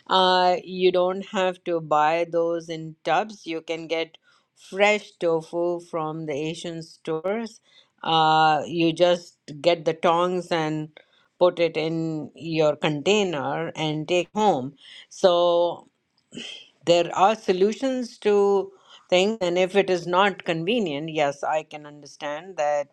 [SPEAKER 1] uh, you don't have to buy those in tubs. You can get fresh tofu from the Asian stores. Uh, you just get the tongs and put it in your container and take home. So there are solutions to things, and if it is not convenient, yes, I can understand that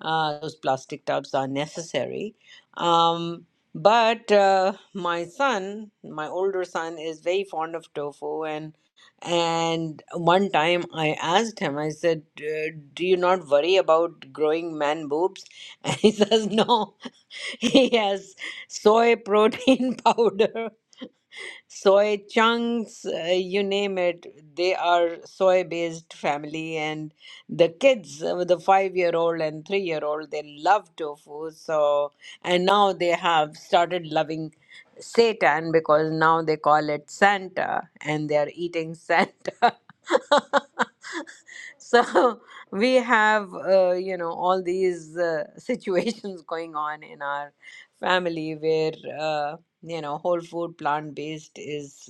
[SPEAKER 1] uh, those plastic tubs are necessary. Um, but uh, my son, my older son, is very fond of tofu, and and one time I asked him, I said, "Uh, "Do you not worry about growing man boobs?" *laughs* And he says, "No, *laughs* he has soy protein *laughs* powder." soy chunks, uh, you name it, they are soy based family. And the kids, uh, the five year old and three year old, they love tofu. So, and now they have started loving Satan because now they call it Santa and they are eating Santa. *laughs* so we have uh, you know all these uh, *laughs* situations going on in our family where Uh, you know whole food plant based is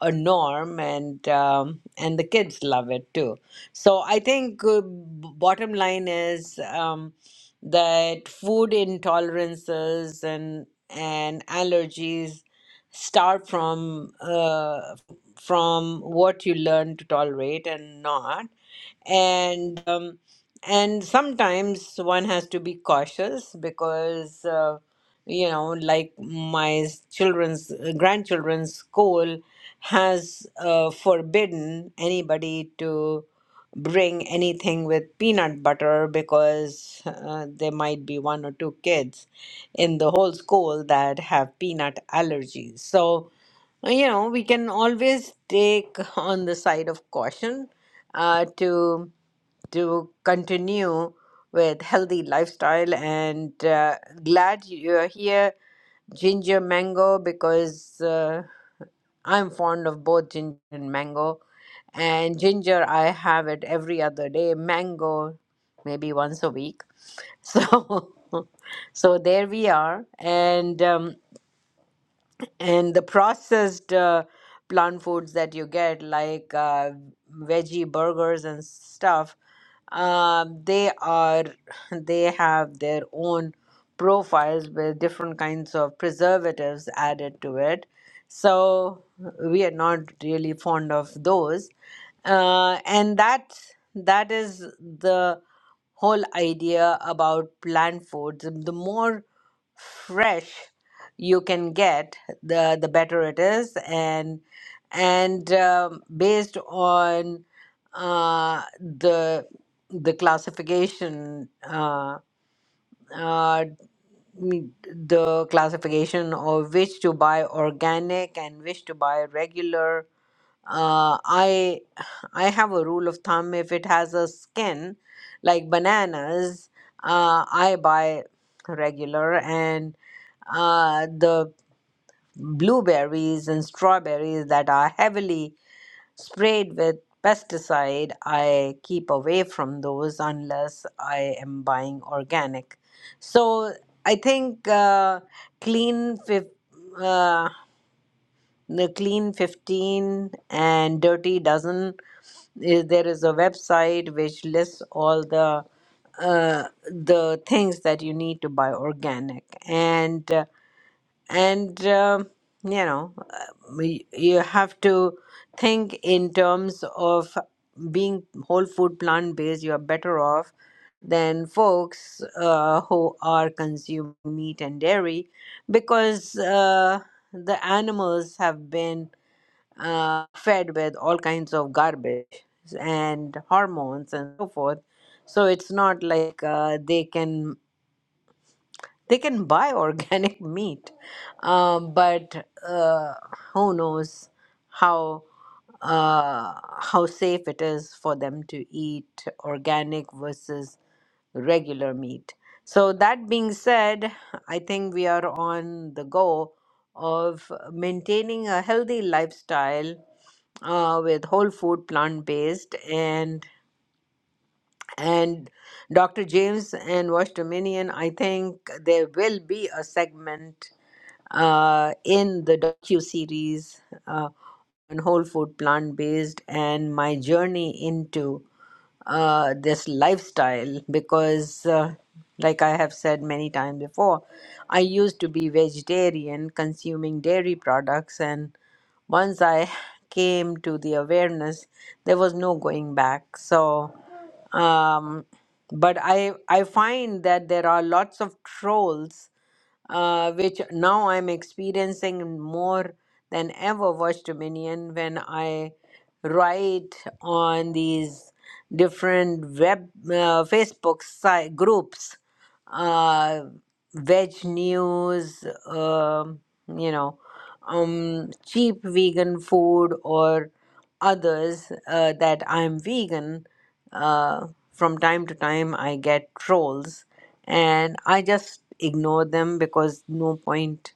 [SPEAKER 1] a norm and um, and the kids love it too so i think uh, b- bottom line is um, that food intolerances and and allergies start from uh, from what you learn to tolerate and not and um, and sometimes one has to be cautious because Uh, you know like my children's uh, grandchildren's school has uh, forbidden anybody to bring anything with peanut butter because uh, there might be one or two kids in the whole school that have peanut allergies so you know, we can always take *laughs* on the side of caution uh, to to continue with healthy lifestyle and uh, glad you're here ginger mango because uh, i'm fond of both ginger and mango and ginger i have it every other day mango maybe once a week *laughs* so so there we are and um, and the processed uh, plant foods that you get like uh, veggie burgers and stuff um, they are *laughs* they have their own profiles with different kinds of preservatives added to it so we are not really fond of those uh, and that that is the whole idea about plant foods the more fresh you can get the the better it is and and um, based on uh, the the classification uh, uh, mm, the classification of which to buy organic and which to buy regular uh, I I have a rule of thumb if it has a skin like bananas uh, I buy regular and uh, the blueberries and strawberries that are heavily sprayed with pesticide, I keep away from those unless I am buying organic. So I think uh, clean fif- uh, the clean 15 and dirty dozen is there is a website which lists all the uh, the things that you need to buy organic and uh, and um, you know uh, we- you have to think in terms of being whole food plant based you are better off than folks uh, who are consuming meat and dairy because uh, the animals have been uh, fed with all kinds of garbage and hormones and so forth so it's not like uh, they can they can buy organic *laughs* meat um, but uh, who knows how uh, how safe it is for them to eat organic versus regular meat so that being said i think we are on the go of maintaining a healthy lifestyle uh, with whole food plant based and and Dr. James and Wash Dominion, I think there will be a segment uh, in the docu series uh, on whole food, plant based, and my journey into uh, this lifestyle because, uh, like I have said many times before, I used to be vegetarian, consuming dairy products, and once I came to the awareness, there was no going back. So um, but I I find that there are lots of trolls, uh, which now I'm experiencing more than ever Watch Dominion when I write on these different web uh, Facebook site groups, uh, veg news, um you know, um, cheap vegan food or others uh, that I'm vegan uh, from time to time I get trolls and I just ignore them because no point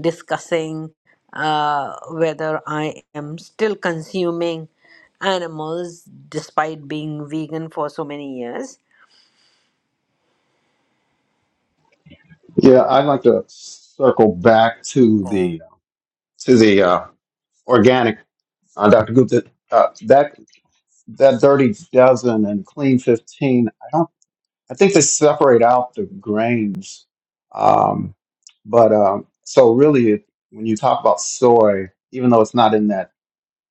[SPEAKER 1] discussing uh, whether I am still consuming animals despite being vegan for so many years.
[SPEAKER 2] Yeah, I'd like to circle back to the to the uh, organic, uh, Dr. Gupta. Uh, that that dirty dozen and clean 15 i don't i think they separate out the grains um, but um, so really it, when you talk about soy even though it's not in that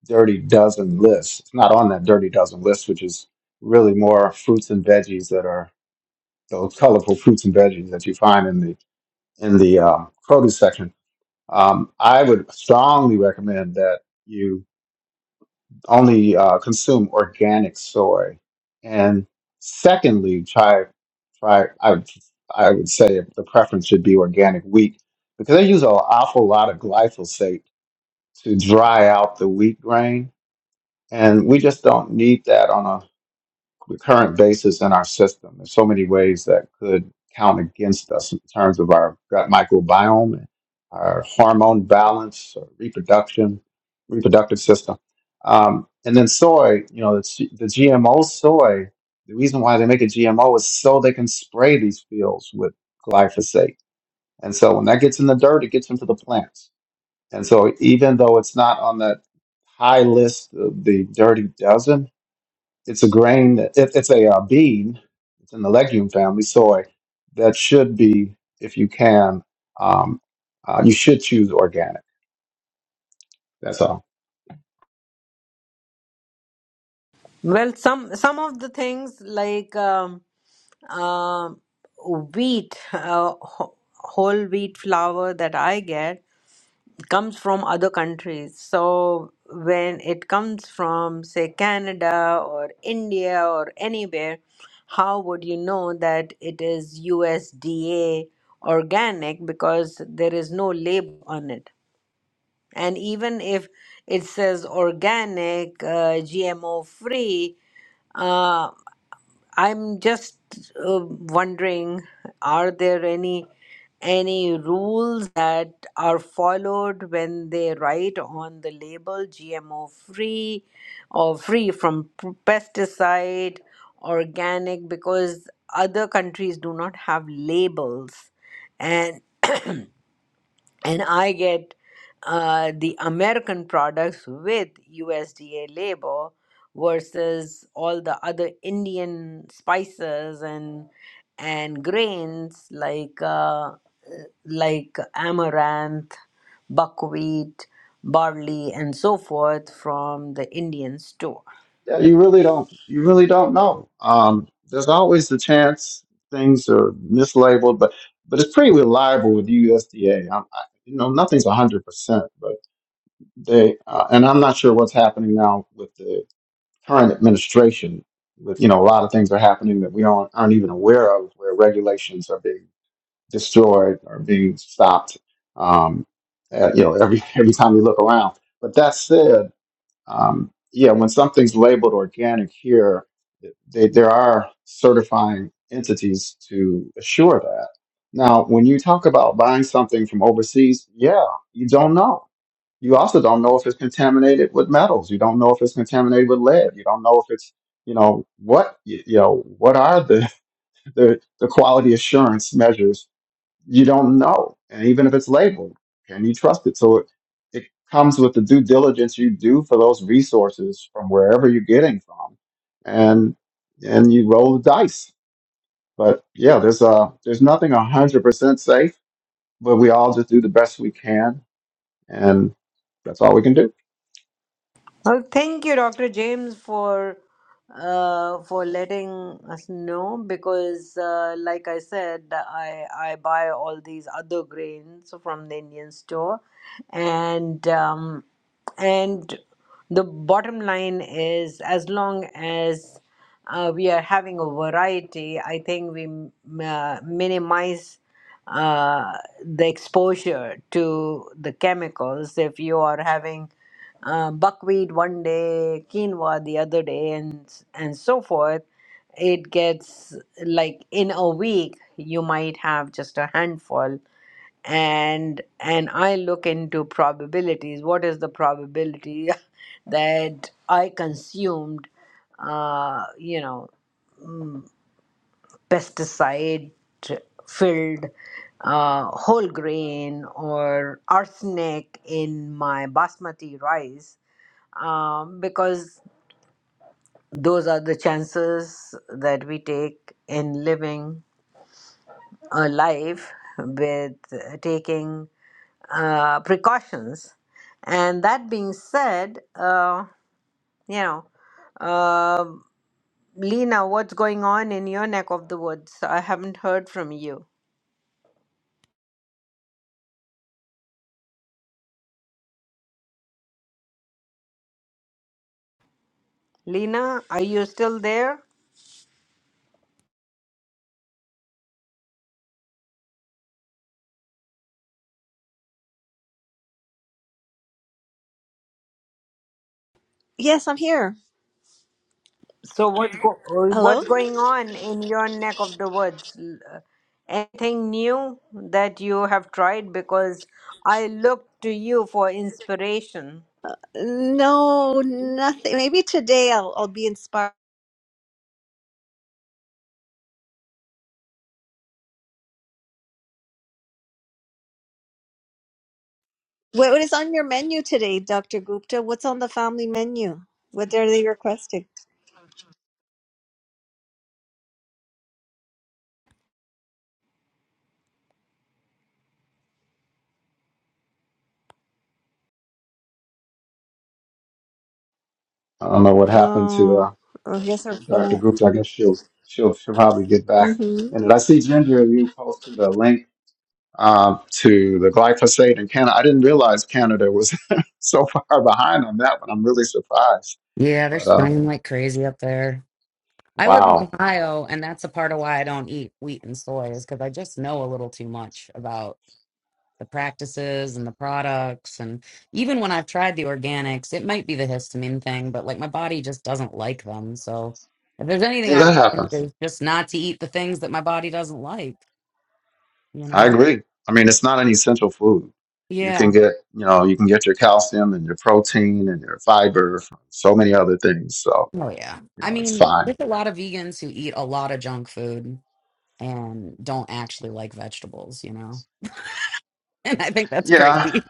[SPEAKER 2] dirty dozen list it's not on that dirty dozen list which is really more fruits and veggies that are those colorful fruits and veggies that you find in the in the um, produce section um, i would strongly recommend that only uh, consume organic soy. And secondly, try try I would, I would say the preference should be organic wheat because they use an awful lot of glyphosate to dry out the wheat grain, and we just don't need that on the current basis in our system. There's so many ways that could count against us in terms of our gut microbiome, our hormone balance, our reproduction, reproductive system. Um, and then soy, you know, the, G- the GMO soy, the reason why they make a GMO is so they can spray these fields with glyphosate. And so when that gets in the dirt, it gets into the plants. And so even though it's not on that high list of the dirty dozen, it's a grain. that- It, it's a uh, bean. It's in the legume family, soy. That should be, if you can, um, uh, you should choose organic. That's all.
[SPEAKER 1] Well, some some of the things like um, um wheat, uh, wh- whole wheat flour that I get. comes from other countries. So when it comes from, say, Canada or India or anywhere, how would you know that it is USDA organic because there is no label on it? And even if it says organic, uh, GMO free, uh, I'm just uh, wondering, are there any any rules that are followed when they write on the label GMO free or free from p- pesticide, organic? Because other countries do not have labels, and *clears throat* and I get uh, the American products with USDA label versus all the other Indian spices and and grains like uh, like amaranth, buckwheat, barley, and so forth from the Indian store.
[SPEAKER 2] Yeah, you really don't. You really don't know. Um, there's always the chance things are mislabeled, but but it's pretty reliable with USDA. you know, nothing's hundred percent, but they uh, and I'm not sure what's happening now with the current administration with you know a lot of things are happening that we don't aren't even aware of where regulations are being destroyed or being stopped um, uh, you know every *laughs* every time you look around but that said um, yeah, when something's labeled organic here, they, there are certifying entities to assure that. Now, when you talk about buying something from overseas, yeah, you don't know. You also don't know if it's contaminated with metals. You don't know if it's contaminated with lead. You don't know if it's, you know, what, you, know, what are the, *laughs* the, the quality assurance measures you don't know. And even if it's labeled, can you trust it? So it, it comes with the due diligence you do for those resources from wherever you're getting from, and and you roll the dice. But yeah, there's uh there's nothing hundred percent safe, but we all just do the best we can, and that's all we can do.
[SPEAKER 1] Well, thank you, Dr. James, for uh, for letting us know because, uh, like I said, I I buy all these other grains from the Indian store, and um, and the bottom line is as long as uh, we are having a variety, I think we m- uh, minimize uh, the exposure to the chemicals if you are having uh, buckwheat one day, quinoa the other day, and and so forth. It gets like in a week you might have just a handful, and and I look into probabilities. What is the probability *laughs* that I consumed, uh, you know, pesticide filled uh, whole grain or arsenic in my basmati rice um, because those are the chances that we take in living a life with taking uh, precautions. And that being said, uh, you know, uh, Lena, what's going on in your neck of the woods? I haven't heard from you. Lena, are you still there?
[SPEAKER 3] Yes, I'm here.
[SPEAKER 1] So what's go- *laughs* uh,
[SPEAKER 3] Hello?
[SPEAKER 1] what's going on in your neck of the woods? L- uh, Anything new that you have tried? Because I look to you for inspiration.
[SPEAKER 3] No, nothing. Maybe today I'll, I'll be inspired. What, what is on your menu today, Dr. Gupta? What's on the family menu? What are they requesting?
[SPEAKER 2] I don't know what happened to
[SPEAKER 3] Oh,
[SPEAKER 2] uh,
[SPEAKER 3] oh yes, our
[SPEAKER 2] Dr.
[SPEAKER 3] phone.
[SPEAKER 2] Groups. I guess she'll she'll she'll probably get back. And I see Ginger, you posted a link um, to the glyphosate in Canada. I didn't realize Canada was *laughs* so far behind on that one. I'm really surprised.
[SPEAKER 6] Yeah, they're
[SPEAKER 2] But uh,
[SPEAKER 6] spraying like crazy up there. I live in
[SPEAKER 2] wow,
[SPEAKER 6] Ohio, and that's a part of why I don't eat wheat and soy is because I just know a little too much about. the practices and the products and even when I've tried the organics, it might be the histamine thing, but like my body just doesn't like them. So if there's anything
[SPEAKER 2] yeah,
[SPEAKER 6] I've
[SPEAKER 2] that
[SPEAKER 6] learned
[SPEAKER 2] happens.
[SPEAKER 6] is just not to eat the things that my body doesn't like, you
[SPEAKER 2] I
[SPEAKER 6] know?
[SPEAKER 2] agree. I mean, it's not an essential food. You can
[SPEAKER 6] Yeah.
[SPEAKER 2] get, you know, you can get your calcium and your protein and your fiber from so many other things. So,
[SPEAKER 6] Oh yeah.
[SPEAKER 2] you
[SPEAKER 6] I
[SPEAKER 2] know, it's
[SPEAKER 6] mean,
[SPEAKER 2] fine.
[SPEAKER 6] there's a lot of vegans who eat a lot of junk food and don't actually like vegetables, you know? *laughs* And I think that's
[SPEAKER 2] Yeah.
[SPEAKER 6] crazy.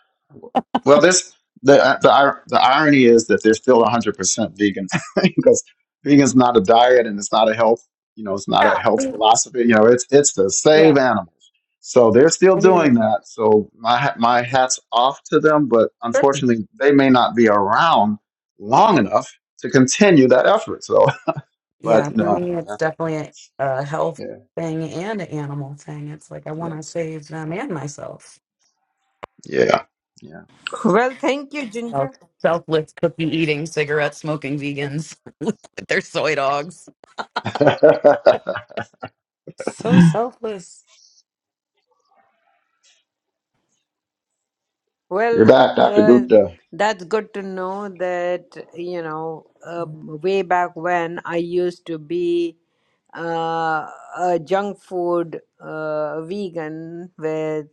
[SPEAKER 2] Well, this the uh, the ir- the irony is that they're still 100% vegan *laughs* because vegan's not a diet and it's not a health, you know, it's not a
[SPEAKER 6] Yeah.
[SPEAKER 2] health philosophy. You know, it's it's to save
[SPEAKER 6] Yeah.
[SPEAKER 2] animals. So they're still
[SPEAKER 6] I hear
[SPEAKER 2] doing
[SPEAKER 6] you.
[SPEAKER 2] that. So my ha- my hat's off to them, but unfortunately, they may not be around long enough to continue that effort. So, *laughs* but
[SPEAKER 6] Yeah, for
[SPEAKER 2] no,
[SPEAKER 6] me, it's definitely a,
[SPEAKER 2] that's,
[SPEAKER 6] a health
[SPEAKER 2] yeah,
[SPEAKER 6] thing and an animal thing. It's like I want
[SPEAKER 2] yeah,
[SPEAKER 6] to save them and myself.
[SPEAKER 2] yeah, yeah.
[SPEAKER 1] Well, thank you,
[SPEAKER 6] Self-
[SPEAKER 1] Ginger.
[SPEAKER 6] Selfless cookie eating, cigarette smoking vegans *laughs* with their soy dogs.
[SPEAKER 2] *laughs*
[SPEAKER 6] So selfless.
[SPEAKER 2] You're
[SPEAKER 1] Well,
[SPEAKER 2] back, Dr.
[SPEAKER 1] uh,
[SPEAKER 2] Gupta.
[SPEAKER 1] that's good to know that, you know, um, way back when I used to be uh, a junk food uh, vegan with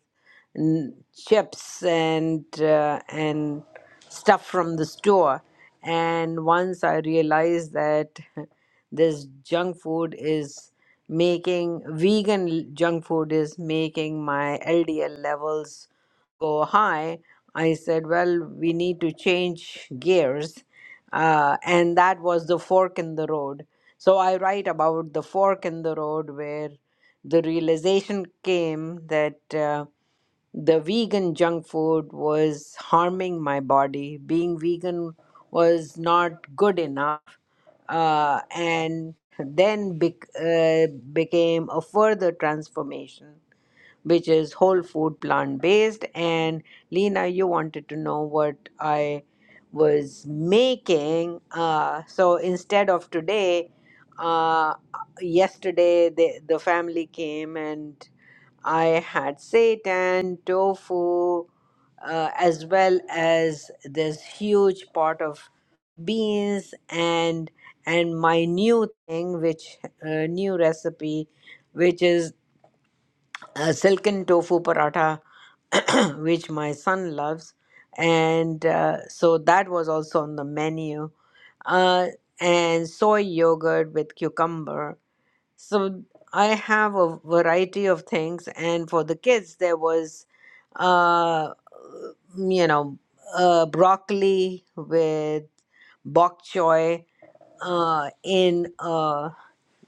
[SPEAKER 1] n- chips and uh, and stuff from the store. And once I realized that *laughs* this junk food is making vegan junk food is making my LDL levels go high, I said, well, we need to change gears. Uh, and that was the fork in the road. So I write about the fork in the road where the realization came that uh, the vegan junk food was harming my body. Being vegan was not good enough. Uh, and then bec- uh, became a further transformation which is whole food plant based and lena you wanted to know what i was making uh, so instead of today uh, yesterday the, the family came and i had seitan tofu uh, as well as this huge pot of beans and and my new thing which uh, new recipe which is a silken tofu paratha, *clears throat* which my son loves. And uh, so that was also on the menu. Uh, and soy yogurt with cucumber. So I have a variety of things. And for the kids, there was, uh, you know, uh, broccoli with bok choy uh, in uh,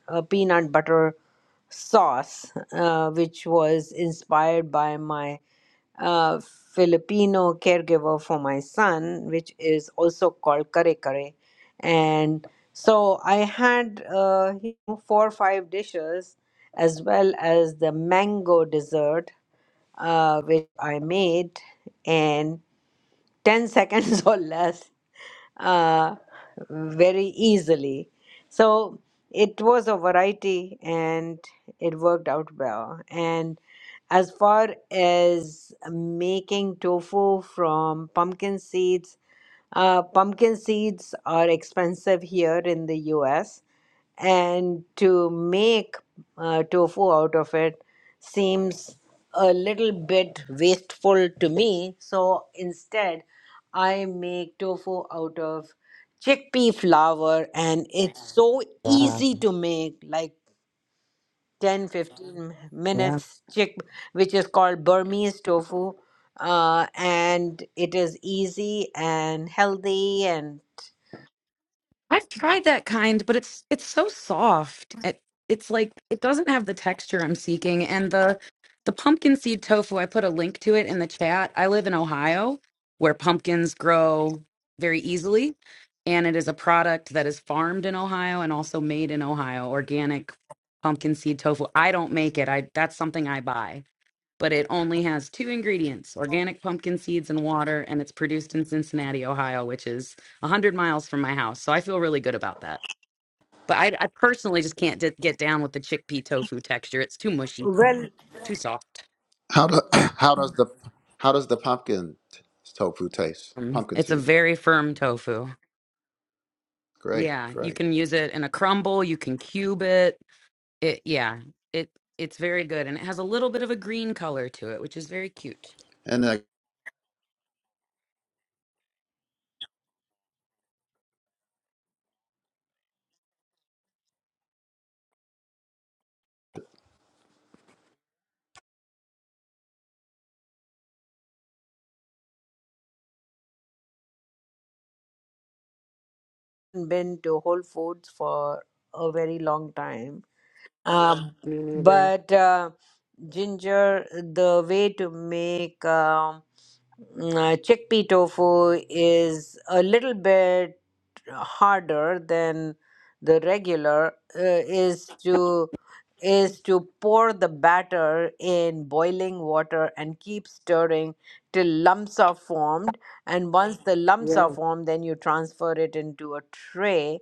[SPEAKER 1] a peanut butter sauce, uh, which was inspired by my uh, Filipino caregiver for my son, which is also called kare kare. And so I had uh, you know, four or five dishes, as well as the mango dessert, uh, which I made in 10 seconds *laughs* or less uh, very easily. So it was a variety and it worked out well. And as far as making tofu from pumpkin seeds, uh, pumpkin seeds are expensive here in the US and to make uh, tofu out of it seems a little bit wasteful to me. So instead, I make tofu out of chickpea flour, and it's so
[SPEAKER 6] Yeah,
[SPEAKER 1] easy to make like ten fifteen
[SPEAKER 6] yeah.
[SPEAKER 1] minutes, chick, which is called Burmese tofu. Uh, and it is easy and healthy and
[SPEAKER 6] I've tried that kind, but it's it's so soft. It, it's like it doesn't have the texture I'm seeking. And the the pumpkin seed tofu, I put a link to it in the chat. I live in Ohio, where pumpkins grow very easily, and it is a product that is farmed in Ohio and also made in Ohio, organic pumpkin seed tofu. I don't make it. I that's something I buy but it only has two ingredients organic pumpkin seeds and water, and it's produced in Cincinnati, Ohio, which is 100 miles from my house. So I feel really good about that. But I, I personally just can't d- get down with the chickpea tofu texture. It's too mushy,
[SPEAKER 1] well
[SPEAKER 6] too soft.
[SPEAKER 2] How do, *clears throat* how does the how does the pumpkin tofu taste?
[SPEAKER 6] Um,
[SPEAKER 2] Pumpkin
[SPEAKER 6] it's a
[SPEAKER 2] seed.
[SPEAKER 6] very firm tofu.
[SPEAKER 2] Great,
[SPEAKER 6] Yeah, you
[SPEAKER 2] great.
[SPEAKER 6] can use it in a crumble, you can cube it. It yeah, it it's very good and it has a little bit of a green color to it, which is very cute.
[SPEAKER 2] And uh,
[SPEAKER 1] been to Whole Foods for a very long time. Um,
[SPEAKER 6] Me neither.
[SPEAKER 1] but uh, ginger, the way to make um, uh, chickpea tofu is a little bit harder than the regular. Uh, is to is to pour the batter in boiling water and keep stirring till lumps are formed. And once the lumps are formed, then you transfer it into a tray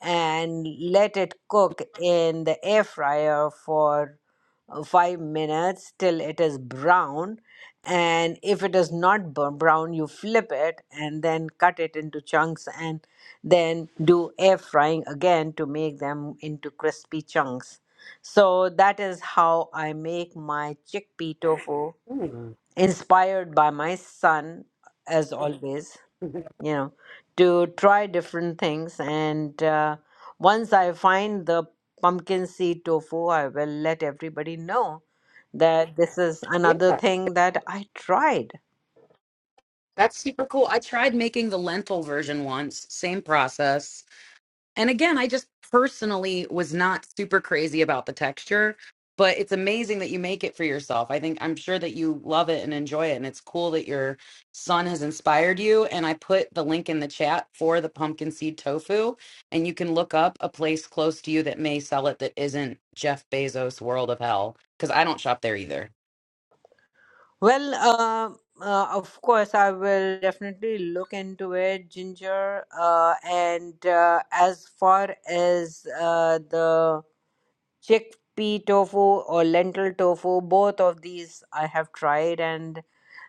[SPEAKER 1] and let it cook in the air fryer for uh, five minutes till it is brown. And if it is not bur- brown, you flip it and then cut it into chunks and then do air frying again to make them into crispy chunks. So that is how I make my chickpea tofu,
[SPEAKER 6] Mm.
[SPEAKER 1] inspired by my son, as always
[SPEAKER 6] *laughs*
[SPEAKER 1] you know, to try different things. And uh, once I find the pumpkin seed tofu, I will let everybody know that this is another
[SPEAKER 6] Yeah.
[SPEAKER 1] thing that I tried.
[SPEAKER 6] That's super cool. I tried making the lentil version once, same process. And again, I just personally was not super crazy about the texture, but it's amazing that you make it for yourself. I think I'm sure that you love it and enjoy it. And it's cool that your son has inspired you. And I put the link in the chat for the pumpkin seed tofu. And you can look up a place close to you that may sell it that isn't Jeff Bezos' world of hell, because I don't shop there either.
[SPEAKER 1] Well, uh, uh, of course, I will definitely look into it, Ginger. Uh, and uh, as far as uh, the chickpea tofu or lentil tofu, both of these I have tried and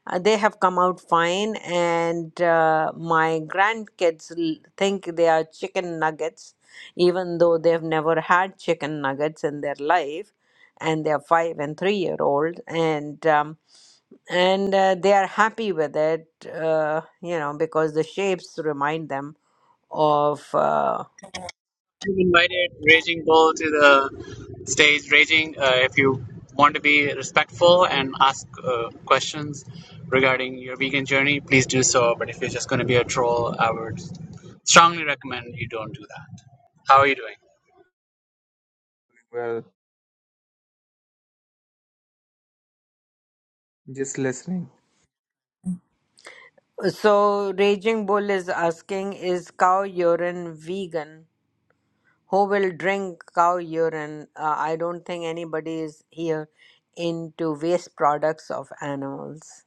[SPEAKER 1] Uh, they have come out fine, and uh, my grandkids l- think they are chicken nuggets, even though they've never had chicken nuggets in their life, and they're five and three year old, and um, and uh, they are happy with it, uh, you know, because the shapes remind them of. Uh,
[SPEAKER 4] You've invited Raging Bull to the stage. Raging, uh, if you want to be respectful and ask uh, questions regarding your vegan journey, please do so. But if you're just going to be a troll, I would strongly recommend you don't do that. How are you doing?
[SPEAKER 7] Well, just listening.
[SPEAKER 1] so, Raging Bull is asking, is cow urine vegan? who will drink cow urine? Uh, I don't think anybody is here into waste products of animals.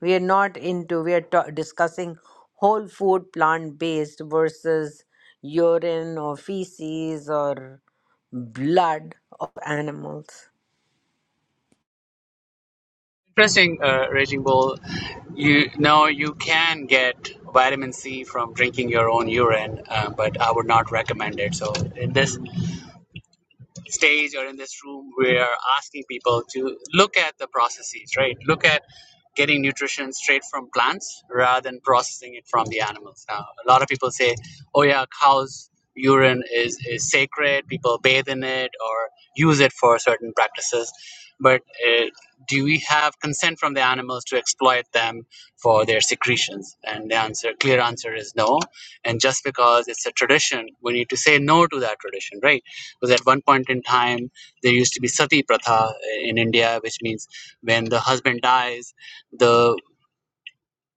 [SPEAKER 1] We are not into, we are ta- discussing whole food plant based versus urine or feces or blood of animals.
[SPEAKER 4] Interesting, uh, Raging Bull. You know, you can get vitamin C from drinking your own urine, uh, but I would not recommend it. So, in this stage or in this room, we are asking people to look at the processes, right? Look at getting nutrition straight from plants rather than processing it from the animals. Now, a lot of people say, oh, yeah, cows' urine is, is sacred, people bathe in it or use it for certain practices. But uh, do we have consent from the animals to exploit them for their secretions? And the answer, clear answer is no. And just because it's a tradition, we need to say no to that tradition, right? Because at one point in time, there used to be sati pratha in India, which means when the husband dies, the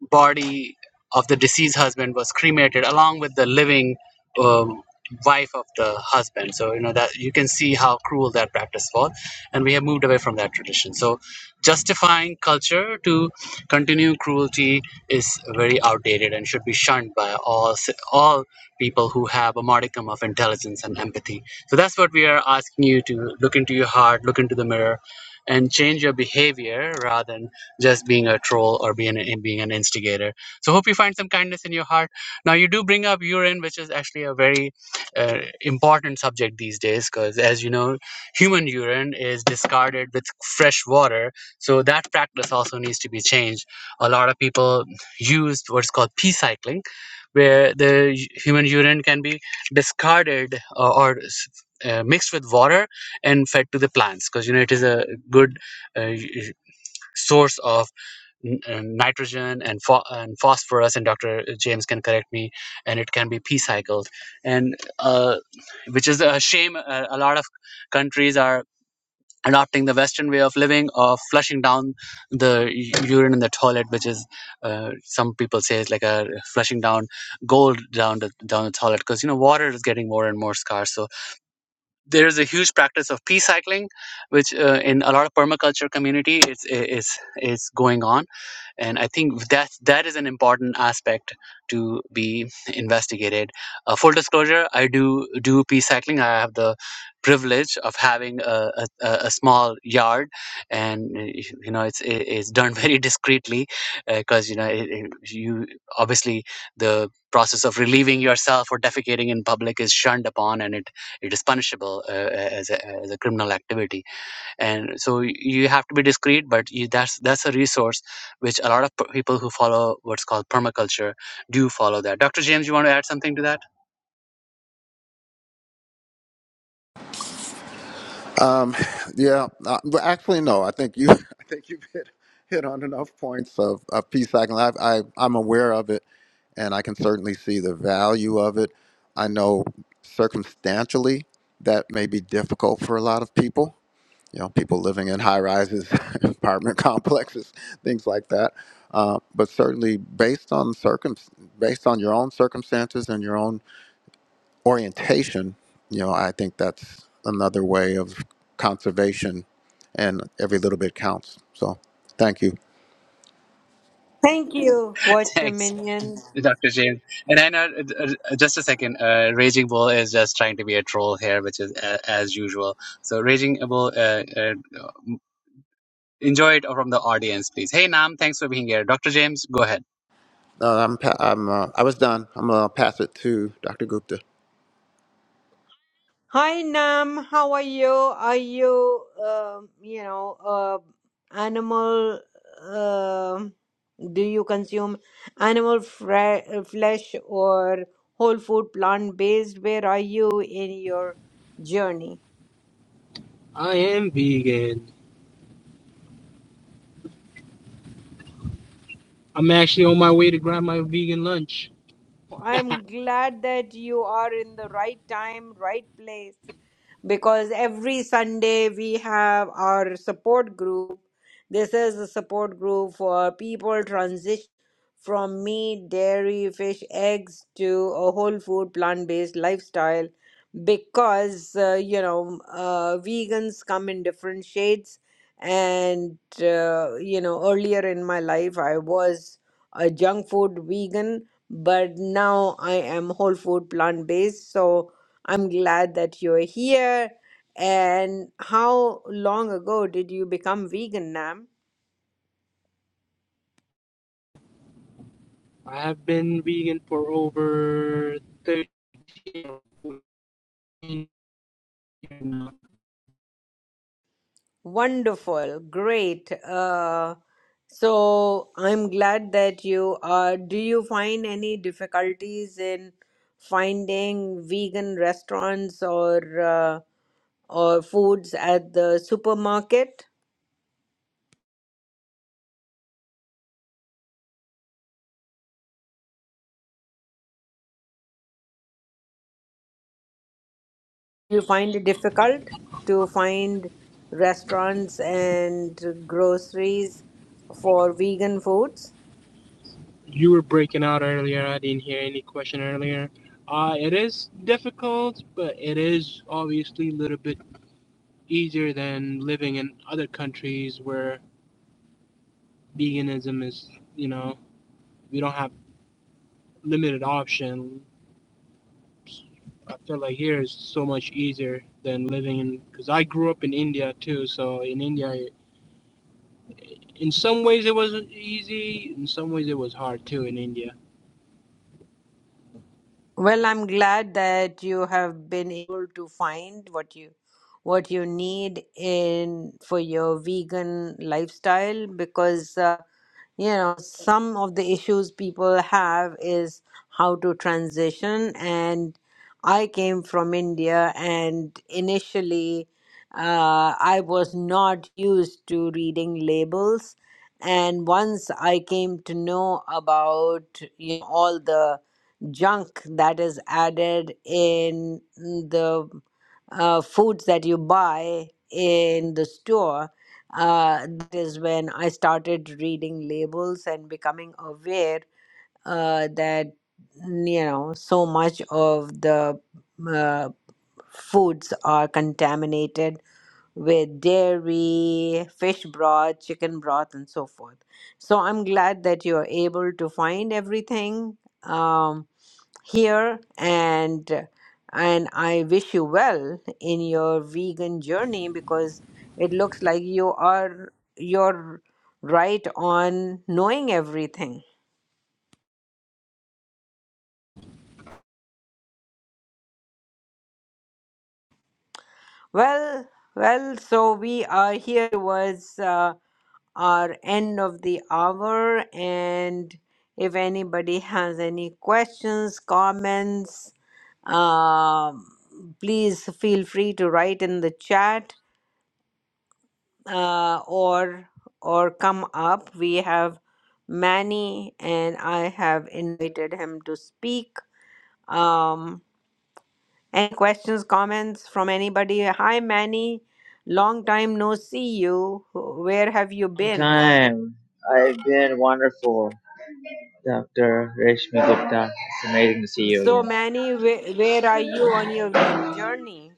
[SPEAKER 4] body of the deceased husband was cremated along with the living um, wife of the husband so you know that you can see how cruel that practice was and we have moved away from that tradition so justifying culture to continue cruelty is very outdated and should be shunned by all ci- all people who have a modicum of intelligence and empathy so that's what we are asking you to look into your heart look into the mirror and change your behavior rather than just being a troll or being an, being an instigator. So hope you find some kindness in your heart. Now you do bring up urine, which is actually a very uh, important subject these days, because as you know, human urine is discarded with fresh water. So that practice also needs to be changed. A lot of people use what's called pee cycling, where the human urine can be discarded or, or uh, mixed with water and fed to the plants because you know it is a good uh, source of n- and nitrogen and, pho- and phosphorus and dr james can correct me and it can be p cycled and uh, which is a shame uh, a lot of countries are adopting the western way of living of flushing down the u- urine in the toilet which is uh, some people say is like a flushing down gold down the down the toilet because you know water is getting more and more scarce so there is a huge practice of pea cycling, which uh, in a lot of permaculture community is is is going on, and I think that that is an important aspect to be investigated. Uh, full disclosure: I do do pea cycling. I have the privilege of having a, a, a a small yard, and uh, you know it's it- it's done *laughs* very discreetly because you know it, it, you obviously the process of relieving yourself or defecating in public is shunned upon, and it it is punishable uh, as, a, as a criminal activity and so you have to be discreet but you, that's that's a resource which a lot of p- people who follow what's called permaculture do follow that dr james you want to add something to that
[SPEAKER 2] um, *sighs* yeah, uh, well, actually, no. I think you *laughs* I think you've hit hit on enough points of of peace cycling. I, I I'm aware of it, and I can certainly see the value of it. I know circumstantially that may be difficult for a lot of people you know, people living in high rises, *laughs* apartment complexes, things like that. Uh, but certainly, based on circum, based on your own circumstances and your own orientation, you know, I think that's another way of conservation, and every little bit counts. So, thank you.
[SPEAKER 1] Thank you,
[SPEAKER 4] *laughs*
[SPEAKER 1] Watch
[SPEAKER 4] thanks
[SPEAKER 1] Dominion.
[SPEAKER 4] dr james and i know uh, uh, just a second uh, raging bull is just trying to be a troll here which is uh, as usual so raging bull uh, uh, enjoy it from the audience please hey nam thanks for being here dr james go ahead
[SPEAKER 2] Uh, I'm, pa- I'm, uh, I was done. I'm gonna pass it to Dr. Gupta.
[SPEAKER 1] Hi Nam, how are you? Are you, um, you know, uh, animal? um do you consume animal fre- uh, flesh or whole food, plant-based? Where are you in your journey?
[SPEAKER 8] I am vegan. I'm actually on my way to grab my vegan lunch.
[SPEAKER 1] I'm glad that you are in the right time, right place. because every Sunday we have our support group. This is a support group for people transition from meat, dairy, fish, eggs to a whole food, plant based lifestyle because, uh, you know, uh, vegans come in different shades. And, uh, you know, earlier in my life, I was a junk food vegan but now I am whole food plant based. So I'm glad that you're here. And how long ago did you become vegan, Nam?
[SPEAKER 8] I have been vegan for over 30 years. now.
[SPEAKER 1] Wonderful, great. Uh, so I'm glad that you are. Do you find any difficulties in finding vegan restaurants or uh, or foods at the supermarket? You find it difficult to find restaurants and groceries for vegan foods?
[SPEAKER 8] You were breaking out earlier. I didn't hear any question earlier. Uh, it is difficult, but it is obviously a little bit easier than living in other countries where veganism is, you know, we don't have limited option. I feel like here is so much easier than living in because I grew up in India too. So in India, in some ways it was easy, in some ways it was hard too in India.
[SPEAKER 1] Well, I'm glad that you have been able to find what you what you need in for your vegan lifestyle because uh, you know some of the issues people have is how to transition and I came from India and initially uh, I was not used to reading labels and once I came to know about you know, all the junk that is added in the uh, foods that you buy in the store. Uh, that is when I started reading labels and becoming aware uh, that mm, you know so much of the uh, foods are contaminated with dairy, fish broth, chicken broth, and so forth. So I'm glad that you're able to find everything. Um, here and and I wish you well in your vegan journey because it looks like you are you're right on knowing everything. Well, well, so we are here towards uh, our end of the hour, and if anybody has any questions, comments, um please feel free to write in the chat uh, or or come up. We have Manny, and I have invited him to speak. Um, any questions, comments from anybody? Hi, Manny. Long time no see you. Where have you
[SPEAKER 9] Long
[SPEAKER 1] been?
[SPEAKER 9] time. I've been wonderful, Dr. Rashmi Gupta. It's amazing to see you
[SPEAKER 1] So,
[SPEAKER 9] again.
[SPEAKER 1] Manny, where, where are you on your week journey?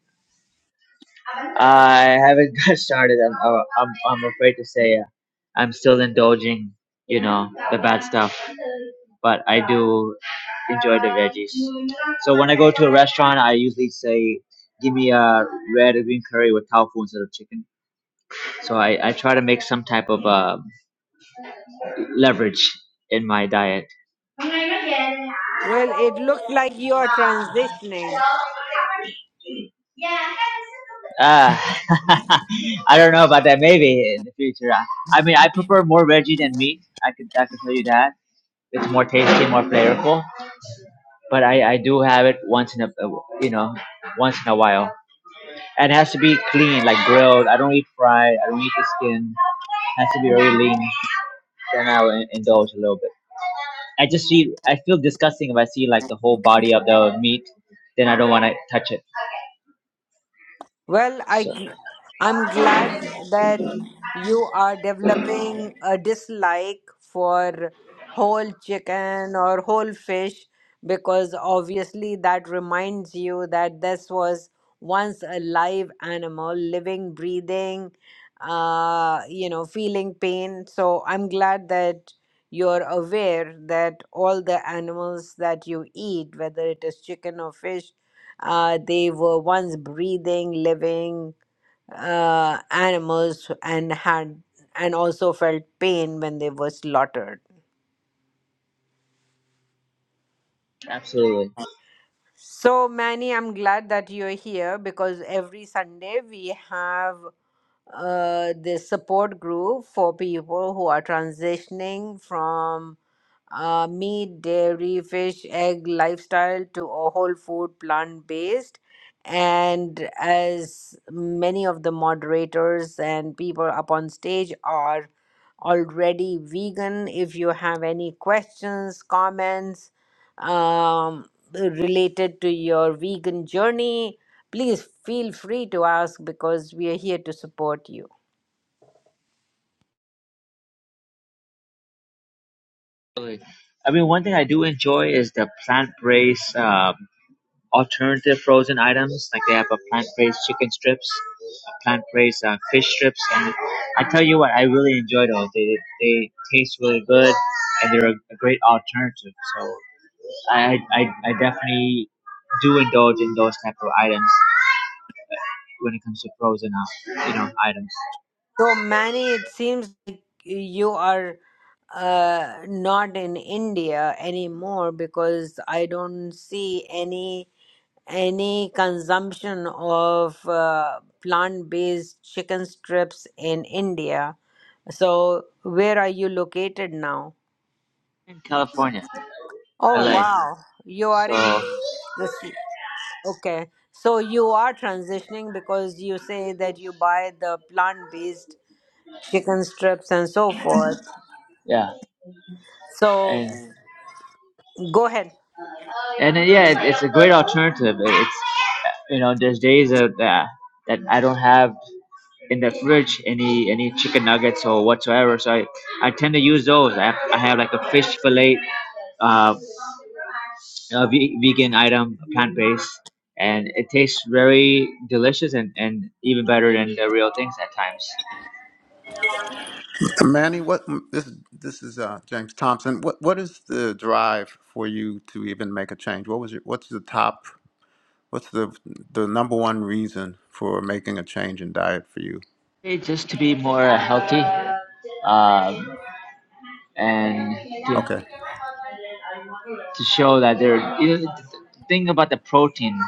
[SPEAKER 9] I haven't *laughs* got started. I'm, I'm, I'm afraid to say uh, I'm still indulging, you know, the bad stuff. But I do enjoy the veggies. So when I go to a restaurant, I usually say, give me a red and green curry with tofu instead of chicken. So I, I try to make some type of uh, leverage in my diet.
[SPEAKER 1] Well, it looked like you are transitioning.
[SPEAKER 9] Uh, *laughs* I don't know about that. Maybe in the future. I, I mean, I prefer more veggie than meat. I could I could tell you that it's more tasty, more flavorful. But I, I do have it once in a you know once in a while, and it has to be clean, like grilled. I don't eat fried. I don't eat the skin. It has to be very lean. Then I will in- indulge a little bit. I just see I feel disgusting if I see like the whole body of the meat. Then I don't want to touch it.
[SPEAKER 1] Well, I
[SPEAKER 9] So
[SPEAKER 1] gl- I'm glad that you are developing a dislike for whole chicken or whole fish because obviously that reminds you that this was once a live animal, living, breathing, uh, you know, feeling pain. So I'm glad that you're aware that all the animals that you eat, whether it is chicken or fish, uh, they were once breathing, living uh, animals and had and also felt pain when they were slaughtered.
[SPEAKER 9] absolutely.
[SPEAKER 1] So, Manny, I'm glad that you're here because every Sunday we have uh, this support group for people who are transitioning from uh, meat, dairy, fish, egg lifestyle to a whole food, plant based. And as many of the moderators and people up on stage are already vegan, if you have any questions, comments um, related to your vegan journey, please feel free to ask because we are here to support you.
[SPEAKER 9] Absolutely. I mean, one thing I do enjoy is the plant-based um, alternative frozen items. Like they have a plant-based chicken strips, a plant-based uh, fish strips, and I tell you what, I really enjoy those. They they taste really good, and they're a, a great alternative. So I, I I definitely do indulge in those type of items when it comes to frozen, uh, you know, items.
[SPEAKER 1] So, Manny, it seems like you are uh, not in India anymore because I don't see any any consumption of uh, plant-based chicken strips in India. So where are you located now?
[SPEAKER 9] In California,
[SPEAKER 1] Oh
[SPEAKER 9] LA.
[SPEAKER 1] wow, you are
[SPEAKER 9] So
[SPEAKER 1] in the this. Okay, so you are transitioning because you say that you buy the plant-based chicken strips and so forth. *laughs*
[SPEAKER 9] yeah,
[SPEAKER 1] So
[SPEAKER 9] and
[SPEAKER 1] go ahead.
[SPEAKER 9] and then, yeah, it, it's a great alternative. It- It's you know, there's days that that that I don't have in the fridge any any chicken nuggets or whatsoever, so I I tend to use those. I have, I have like a fish fillet, uh, a ve- vegan item, plant based, and it tastes very delicious and and even better than the real things at times.
[SPEAKER 2] Manny, what this this is uh, James Thompson. What what is the drive for you to even make a change? What was your what's the top? What's the the number one reason for making a change in diet for you?
[SPEAKER 9] Hey, Just to be more uh, healthy. Um, and to,
[SPEAKER 2] Okay.
[SPEAKER 9] to show that there you know, the thing about the protein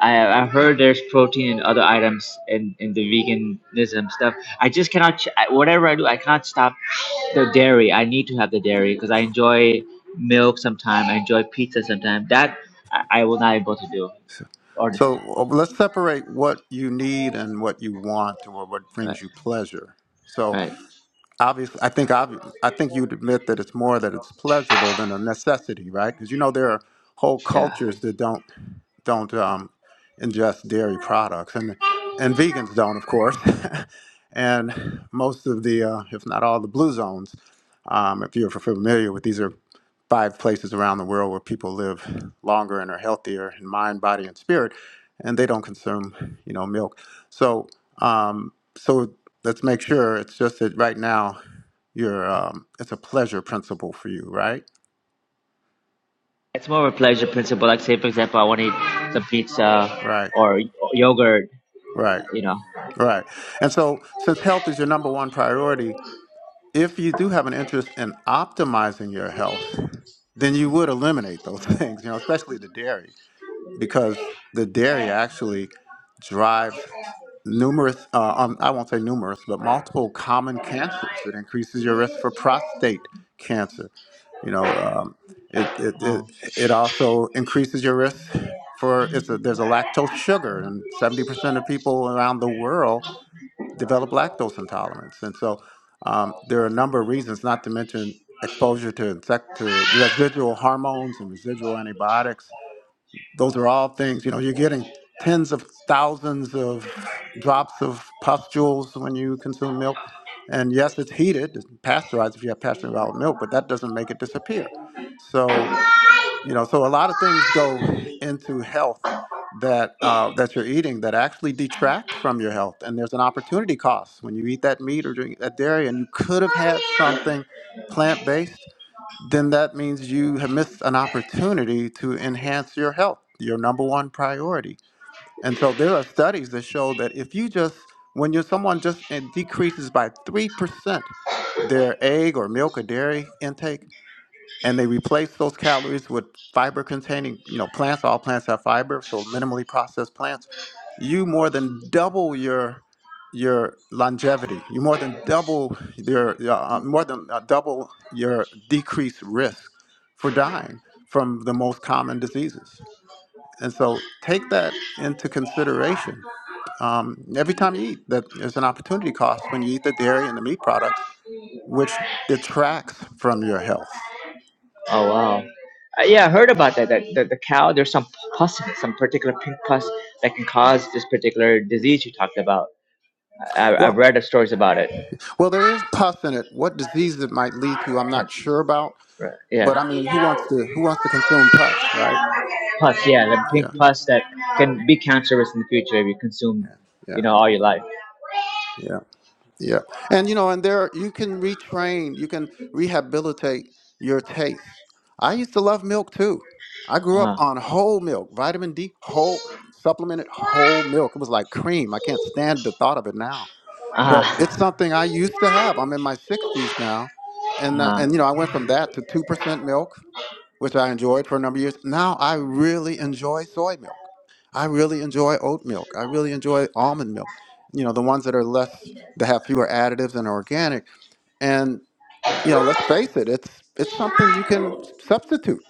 [SPEAKER 9] I, I heard there's protein in other items in, in the veganism stuff i just cannot ch- I- whatever i do i cannot stop the dairy i need to have the dairy because i enjoy milk sometimes i enjoy pizza sometimes that I, I will not able to do
[SPEAKER 2] So,
[SPEAKER 9] or
[SPEAKER 2] so uh, let's separate what you need and what you want or what
[SPEAKER 9] right,
[SPEAKER 2] brings you pleasure. So.
[SPEAKER 9] right
[SPEAKER 2] obviously i think obvi- i think you'd admit that it's more that it's pleasurable than a necessity right because you know there are whole
[SPEAKER 9] yeah
[SPEAKER 2] cultures that don't don't um, ingest dairy products and and vegans don't of course *laughs* and most of the uh, if not all the blue zones um, if you're familiar with these are five places around the world where people live longer and are healthier in mind body and spirit and they don't consume you know milk so um, so Let's make sure it's just that right now you're um, it's a pleasure principle for you, right?
[SPEAKER 9] it's more of a pleasure principle like say for example i want to eat some pizza
[SPEAKER 2] Right,
[SPEAKER 9] or, or yogurt
[SPEAKER 2] right,
[SPEAKER 9] you
[SPEAKER 2] right. And so since health is your number one priority, if you do have an interest in optimizing your health, then you would eliminate those *laughs* things, you know, especially the dairy because the dairy actually drives numerous, uh, um, I won't say numerous, but multiple common cancers. It increases your risk for prostate cancer. You know, um, it, it,
[SPEAKER 9] know
[SPEAKER 2] it, it also increases your risk for, it's a, there's a lactose sugar, and 70% of people around the world develop lactose intolerance. And so um, there are a number of reasons, not to mention exposure to, insect, to residual hormones and residual antibiotics those are all things, you know, you're getting tens of thousands of drops of pustules when you consume milk. And yes, it's heated, it's pasteurized if you have pasteurized milk, but that doesn't make it disappear. So, you know, so a lot of things go into health that uh, that you're eating that actually detract from your health. And there's an opportunity cost when you eat that meat or drink that dairy, and you could have had something plant based then that means you have missed an opportunity to enhance your health, your number one priority. And so there are studies that show that if you just, when you're someone just it decreases by 3% their egg or milk or dairy intake, and they replace those calories with fiber containing you know plants all plants have fiber so minimally processed plants you more than double your your longevity you more than double your uh, uh, more than uh, double your decreased risk for dying from the most common diseases and so take that into consideration um, every time you eat that there's an opportunity cost when you eat the dairy and the meat products which detracts from your health
[SPEAKER 9] Oh wow. Uh, yeah, I heard about that. That the, the cow, there's some pus, in it, some particular pink pus that can cause this particular disease you talked about. I, I've
[SPEAKER 2] Well.
[SPEAKER 9] read the stories about it.
[SPEAKER 2] Well, there is pus in it. What disease it might lead to, I'm
[SPEAKER 9] Cancer,
[SPEAKER 2] not sure about.
[SPEAKER 9] right,
[SPEAKER 2] But I
[SPEAKER 9] Yeah.
[SPEAKER 2] mean, who wants to who wants to consume pus, right?
[SPEAKER 9] Pus, yeah, the
[SPEAKER 2] Yeah,
[SPEAKER 9] pink pus that can be cancerous in the future if you consume, you
[SPEAKER 2] yeah,
[SPEAKER 9] know, all your life.
[SPEAKER 2] yeah, yeah. And you know, and there you can retrain, you can rehabilitate your taste. I used to love milk too. I grew up
[SPEAKER 9] Uh-huh.
[SPEAKER 2] on whole milk, vitamin D, whole supplemented whole milk. It was like cream. I can't stand the thought of it now. But
[SPEAKER 9] Uh-huh.
[SPEAKER 2] it's something I used to have. I'm in my 60s now, and uh,
[SPEAKER 9] Uh-huh.
[SPEAKER 2] and you know, I went from that to two percent milk which I enjoyed for a number of years. Now I really enjoy soy milk. I really enjoy oat milk. I really enjoy almond milk. You know, the ones that are less that have fewer additives and are organic. And you know, let's face it, it's it's something you can substitute.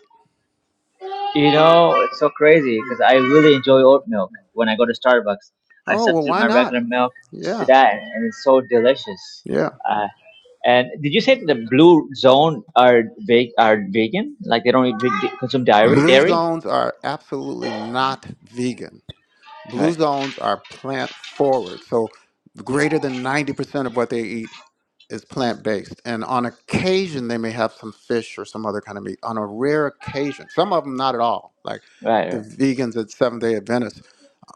[SPEAKER 9] You know, it's so crazy because I really enjoy oat milk when I go to Starbucks. I
[SPEAKER 2] Oh well,
[SPEAKER 9] substitute
[SPEAKER 2] why
[SPEAKER 9] my
[SPEAKER 2] not?
[SPEAKER 9] regular milk to
[SPEAKER 2] Yeah,
[SPEAKER 9] that, and it's so delicious.
[SPEAKER 2] yeah.
[SPEAKER 9] Uh, and did you say that the blue zone are ve- are vegan? Like they don't eat, ve- consume dairy?
[SPEAKER 2] Blue
[SPEAKER 9] Dairy?
[SPEAKER 2] zones are absolutely not vegan Blue
[SPEAKER 9] Right,
[SPEAKER 2] zones are plant forward. So greater than 90% of what they eat is plant based. And on occasion, they may have some fish or some other kind of meat. On a rare occasion, some of them not at all, like
[SPEAKER 9] right,
[SPEAKER 2] the
[SPEAKER 9] right,
[SPEAKER 2] vegans at Seventh day Adventist.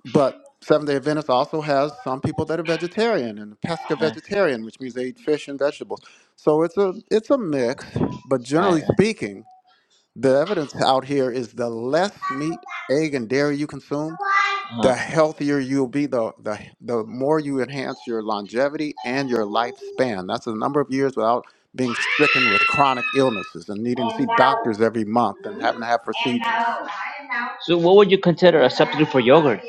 [SPEAKER 2] But Seventh day Adventist also has some people that are vegetarian and pesca
[SPEAKER 9] right,
[SPEAKER 2] vegetarian, which means they eat fish and vegetables. So it's a, it's a mix. But
[SPEAKER 9] right.
[SPEAKER 2] generally
[SPEAKER 9] right.
[SPEAKER 2] speaking, the evidence out here is the less meat, egg, and dairy you consume,
[SPEAKER 9] Uh-huh.
[SPEAKER 2] the healthier you'll be, the, the, the more you enhance your longevity and your lifespan. That's the number of years without being stricken with chronic illnesses and needing to see doctors every month and having to have procedures.
[SPEAKER 9] So, what would you consider a substitute for yogurt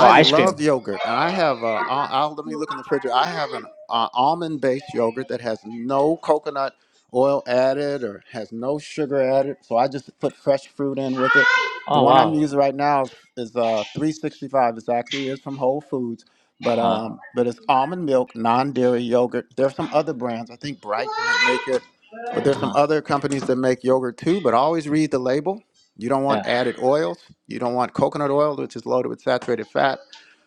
[SPEAKER 9] or ice cream?
[SPEAKER 2] love yogurt, and I have. Uh, I'll, I'll let me look in the fridge. I have an uh, almond-based yogurt that has no coconut oil added or has no sugar added. So I just put fresh fruit in with it. The
[SPEAKER 9] Oh,
[SPEAKER 2] one I'm
[SPEAKER 9] wow.
[SPEAKER 2] using right now is, is uh, 365. It's actually is from Whole Foods,
[SPEAKER 9] Uh
[SPEAKER 2] but
[SPEAKER 9] huh.
[SPEAKER 2] um, but it's almond milk, non-dairy yogurt. There's some other brands. I think Bright might make it. But
[SPEAKER 9] Uh
[SPEAKER 2] there's some
[SPEAKER 9] huh.
[SPEAKER 2] other companies that make yogurt too, but always read the label. You don't
[SPEAKER 9] Yeah.
[SPEAKER 2] want added oils. You don't want coconut oil, which is loaded with saturated fat.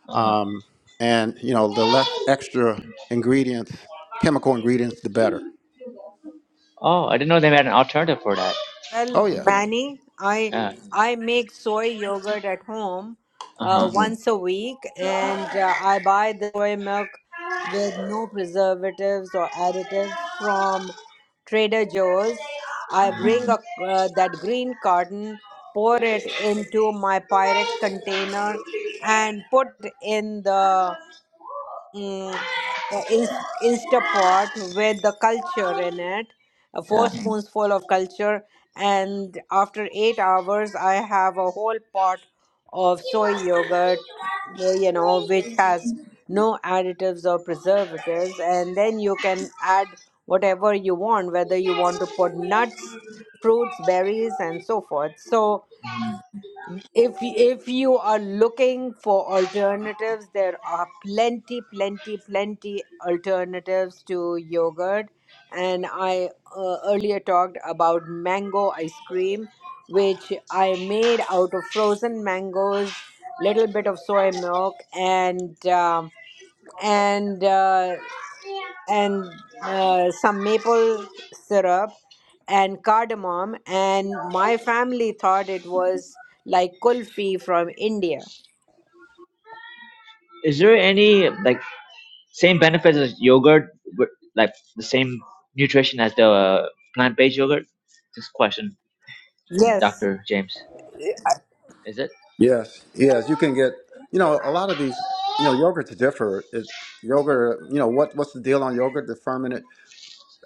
[SPEAKER 9] Uh huh.
[SPEAKER 2] Um, and you know, the less extra ingredients, chemical ingredients, the better.
[SPEAKER 9] Oh, I didn't know they had an alternative for that.
[SPEAKER 2] Oh
[SPEAKER 1] Well,
[SPEAKER 2] yes,
[SPEAKER 1] Manny, I
[SPEAKER 9] Yeah.
[SPEAKER 1] I make soy yogurt at home
[SPEAKER 9] Uh
[SPEAKER 1] uh,
[SPEAKER 9] huh.
[SPEAKER 1] once a week, and uh, I buy the soy milk with no preservatives or additives from Trader Joe's. I bring a, uh, that green carton, pour it into my Pyrex container, and put it in the mm, uh, Inst- Instapot with the culture in it, uh, four
[SPEAKER 9] Yeah.
[SPEAKER 1] spoonsful of culture, and after eight hours, I have a whole pot of soy yogurt, uh, you know, which has no additives or preservatives, and then you can add whatever you want, whether you want to put nuts, fruits, berries, and so forth. So if if you are looking for alternatives there are plenty plenty plenty alternatives to yogurt and i uh, earlier talked about mango ice cream which i made out of frozen mangoes little bit of soy milk and um and uh, and uh, some maple syrup and cardamom and my family thought it was like kulfi from india
[SPEAKER 9] Is there any like same benefits as yogurt, with, like the same nutrition as the uh, plant-based yogurt? This question,
[SPEAKER 1] yes
[SPEAKER 9] Doctor James, is it?
[SPEAKER 2] yes, yes. You can get, you know, a lot of these, you know, yogurts differ. It, yogurt, you know, what what's the deal on yogurt? The fermented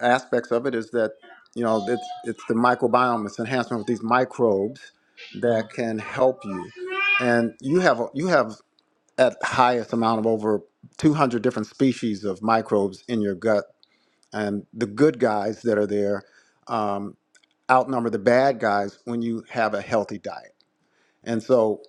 [SPEAKER 2] aspects of it is that you know it's it's the microbiome, it's enhancement of these microbes that can help you, and you have you have at highest amount of over 200 different species of microbes in your gut, and the good guys that are there um, outnumber the bad guys when you have a healthy diet. And so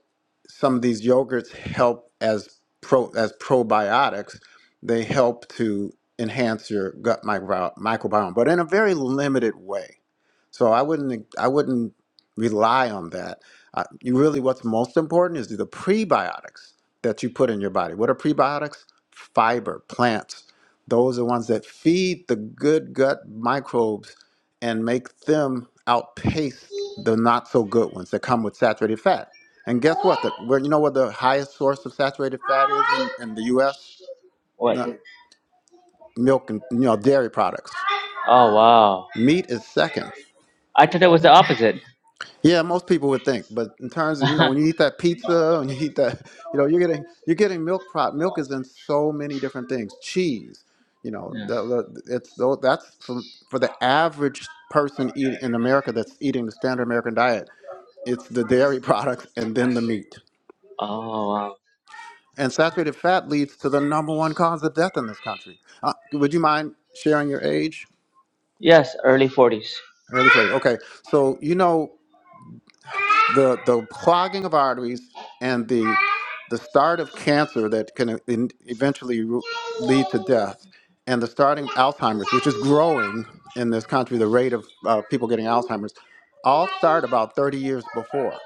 [SPEAKER 2] some of these yogurts help as pro as probiotics. They help to enhance your gut micro- microbiome, but in a very limited way. So I wouldn't I wouldn't rely on that. Uh, you really, what's most important is the prebiotics that you put in your body. What are prebiotics? Fiber, plants. Those are ones that feed the good gut microbes and make them outpace the not so good ones that come with saturated fat. And guess what? The, where, you know what the highest source of saturated fat is in, in the US?
[SPEAKER 9] What?
[SPEAKER 2] No, milk and you know dairy products.
[SPEAKER 9] Oh wow!
[SPEAKER 2] Meat is second.
[SPEAKER 9] I thought it was the opposite. *laughs*
[SPEAKER 2] Yeah, most people would think, but in terms of you know when you eat that pizza *laughs* and you eat that, you know you're getting you're getting milk. Pro- milk is in so many different things. Cheese, you know,
[SPEAKER 9] yeah.
[SPEAKER 2] the, the, it's that's from for the average person eat in America that's eating the standard American diet It's the dairy *laughs* products and then the meat.
[SPEAKER 9] Oh wow.
[SPEAKER 2] And saturated fat leads to the number one cause of death in this country. Uh, would you mind sharing your age?
[SPEAKER 9] Yes, early forties.
[SPEAKER 2] Early first. Okay. So, you know, the, the clogging of arteries and the, the start of cancer that can e-, in- eventually ru- lead to death, and the starting of Alzheimer's, which is growing in this country, the rate of uh, people getting Alzheimer's, all start about 30 years before.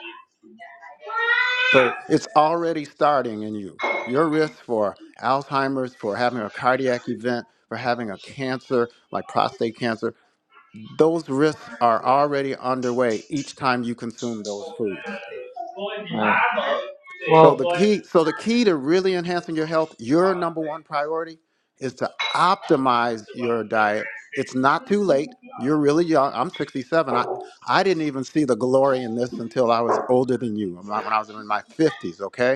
[SPEAKER 2] So it's already starting in you. Your risk for Alzheimer's, for having a cardiac event, for having a cancer like prostate cancer, those risks are already underway each time you consume those foods.
[SPEAKER 9] Right.
[SPEAKER 2] So
[SPEAKER 9] Well,
[SPEAKER 2] the key, so the key to really enhancing your health, your number one priority is to optimize your diet. It's not too late. You're really young. I'm 67. I, I didn't even see the glory in this until I was older than you, when I was in my 50s, okay?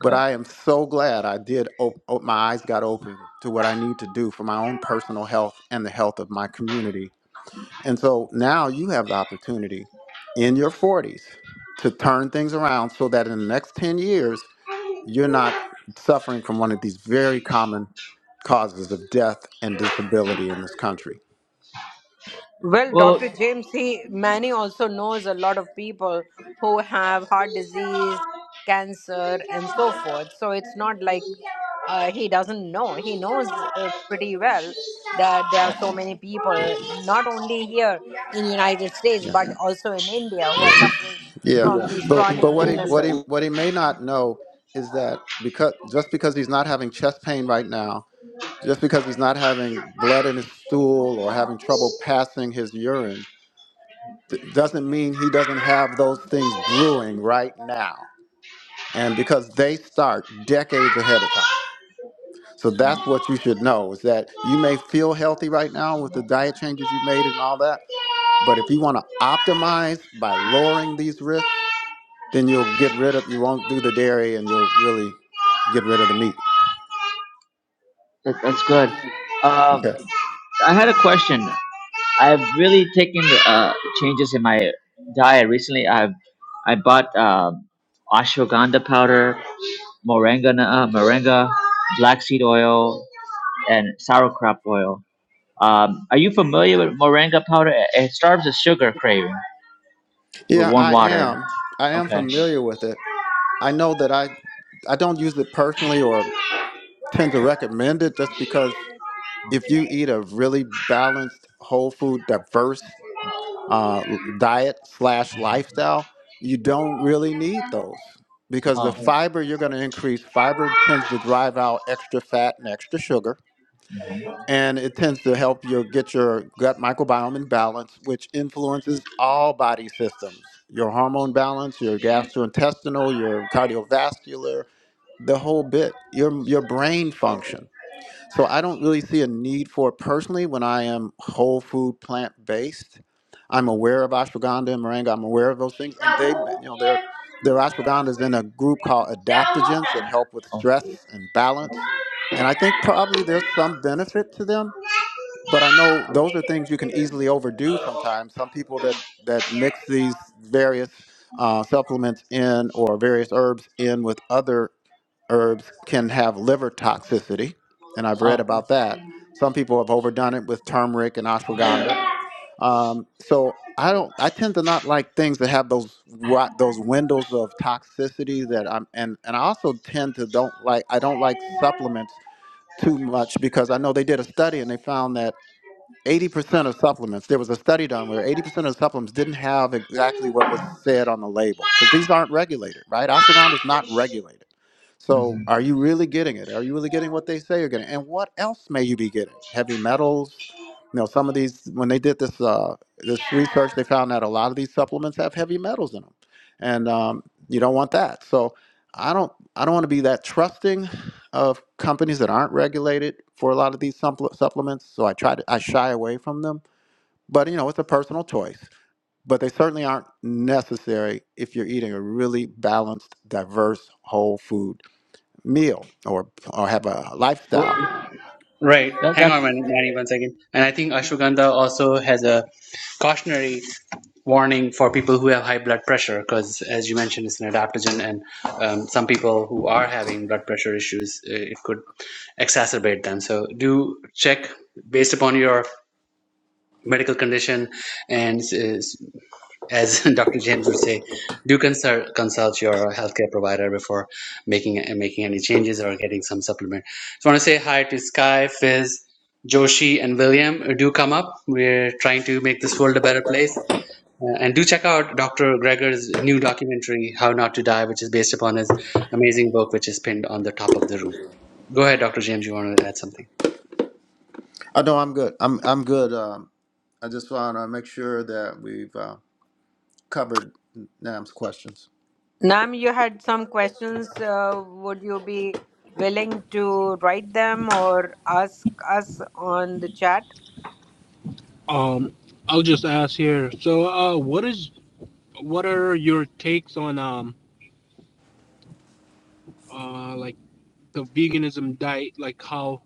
[SPEAKER 2] But I am so glad I did. Op- op- my eyes got open to what I need to do for my own personal health and the health of my community. And so now you have the opportunity in your 40s to turn things around so that in the next 10 years, you're not suffering from one of these very common causes of death and disability in this country.
[SPEAKER 1] Well,
[SPEAKER 9] Well,
[SPEAKER 1] Dr. James, he Manny also knows a lot of people who have heart disease, cancer, and so forth. So it's not like uh, he doesn't know. He knows uh, pretty well that there are so many
[SPEAKER 2] Yeah,
[SPEAKER 1] people, not only here in United States
[SPEAKER 2] yeah,
[SPEAKER 1] but also in India, who are
[SPEAKER 2] yeah,
[SPEAKER 1] suffering
[SPEAKER 2] yeah.
[SPEAKER 1] from Yeah. these
[SPEAKER 2] But
[SPEAKER 1] chronic
[SPEAKER 2] but what he what he
[SPEAKER 1] illnesses.
[SPEAKER 2] what he may not know is that because just because he's not having chest pain right now Just because he's not having blood in his stool or having trouble passing his urine th- doesn't mean he doesn't have those things brewing right now. And because they start decades ahead of time. So that's what you should know is that you may feel healthy right now with the diet changes you've made and all that. But if you want to optimize by lowering these risks, then you'll get rid of, you won't do the dairy and you'll really get rid of the meat.
[SPEAKER 9] that, that's good. Uh,
[SPEAKER 2] Okay.
[SPEAKER 9] I had a question. I've really taken uh, changes in my diet recently. I've I bought um ashwagandha powder, moringa, uh, moringa, black seed oil, and sauerkraut oil. Um, are you familiar with moringa powder? It it starves a sugar craving with
[SPEAKER 2] Yeah,
[SPEAKER 9] warm
[SPEAKER 2] I
[SPEAKER 9] water.
[SPEAKER 2] am. I am
[SPEAKER 9] Okay.
[SPEAKER 2] familiar with it. I know that I I don't use it personally or tend to recommend it just because if you eat a really balanced, whole food, diverse uh, diet slash lifestyle, you don't really need those because the
[SPEAKER 9] Huh. hmm
[SPEAKER 2] Right. fiber you're going to increase fiber tends to drive out extra fat and extra sugar and it tends to help you get your gut microbiome in balance which influences all body systems your hormone balance your gastrointestinal your cardiovascular the whole bit your your brain function so i don't really see a need for it personally when i am whole food plant based i'm aware of ashwagandha and moringa i'm aware of those things and they you know they're their ashwagandha is in a group called adaptogens that help with
[SPEAKER 9] Oh.
[SPEAKER 2] stress and balance and i think probably there's some benefit to them but i know those are things you can easily overdo sometimes some people that that mix these various uh, supplements in or various herbs in with other herbs can have liver toxicity, and I've read
[SPEAKER 9] Ah.
[SPEAKER 2] about that. Some people have overdone it with turmeric and ashwagandha. Um, so I don't. I tend to not like things that have those wi- those windows of toxicity that I'm. And and I also tend to don't like. I don't like supplements too much because I know they did a study and they found that 80% of supplements, there was a study done where 80% of supplements didn't have exactly what was said on the label because these aren't regulated, right? Ashwagandha is not regulated. So
[SPEAKER 9] hmm
[SPEAKER 2] are you really getting it? Are you really getting what they say you're getting? And what else may you be getting? Heavy metals? You know, some of these, when they did this, uh, this research, they found that a lot of these supplements have heavy metals in them. And um, you don't want that. So I don't, I don't want to be that trusting of companies that aren't regulated for a lot of these supplements, so I try to I shy away from them. But you know, it's a personal choice. But they certainly aren't necessary if you're eating a really balanced, diverse, whole food meal or or have a
[SPEAKER 9] Well,
[SPEAKER 2] lifestyle.
[SPEAKER 4] Right.
[SPEAKER 9] that,
[SPEAKER 4] Hang on,
[SPEAKER 9] that's
[SPEAKER 4] Manny, Manny, one second. And I think ashwagandha also has a cautionary warning for people who have high blood pressure, because as you mentioned, it's an adaptogen, and um, some people who are having blood pressure issues, uh, it could exacerbate them. So do check based upon your medical condition and uh, as *laughs* Dr. James would say, do consult consult your healthcare provider before making making any changes or getting some supplement. So I want to say hi to Sky, Fizz, Joshi, and William. Uh, Do come up. We're trying to make this world a better place. Uh, and do check out Dr. Greger's new documentary, How Not to Die, which is based upon his amazing book, which is pinned on the top of the room. Go ahead, Dr. James. You want to add something?
[SPEAKER 2] I know I'm good. I'm I'm good. Um, I just want to make sure that we've uh, covered Nam's questions.
[SPEAKER 1] Nam, you had some questions. Uh, would you be willing to write them or ask us on the chat?
[SPEAKER 8] Um, I'll just ask here. So, uh, what is what are your takes on um, uh, like the veganism diet, like how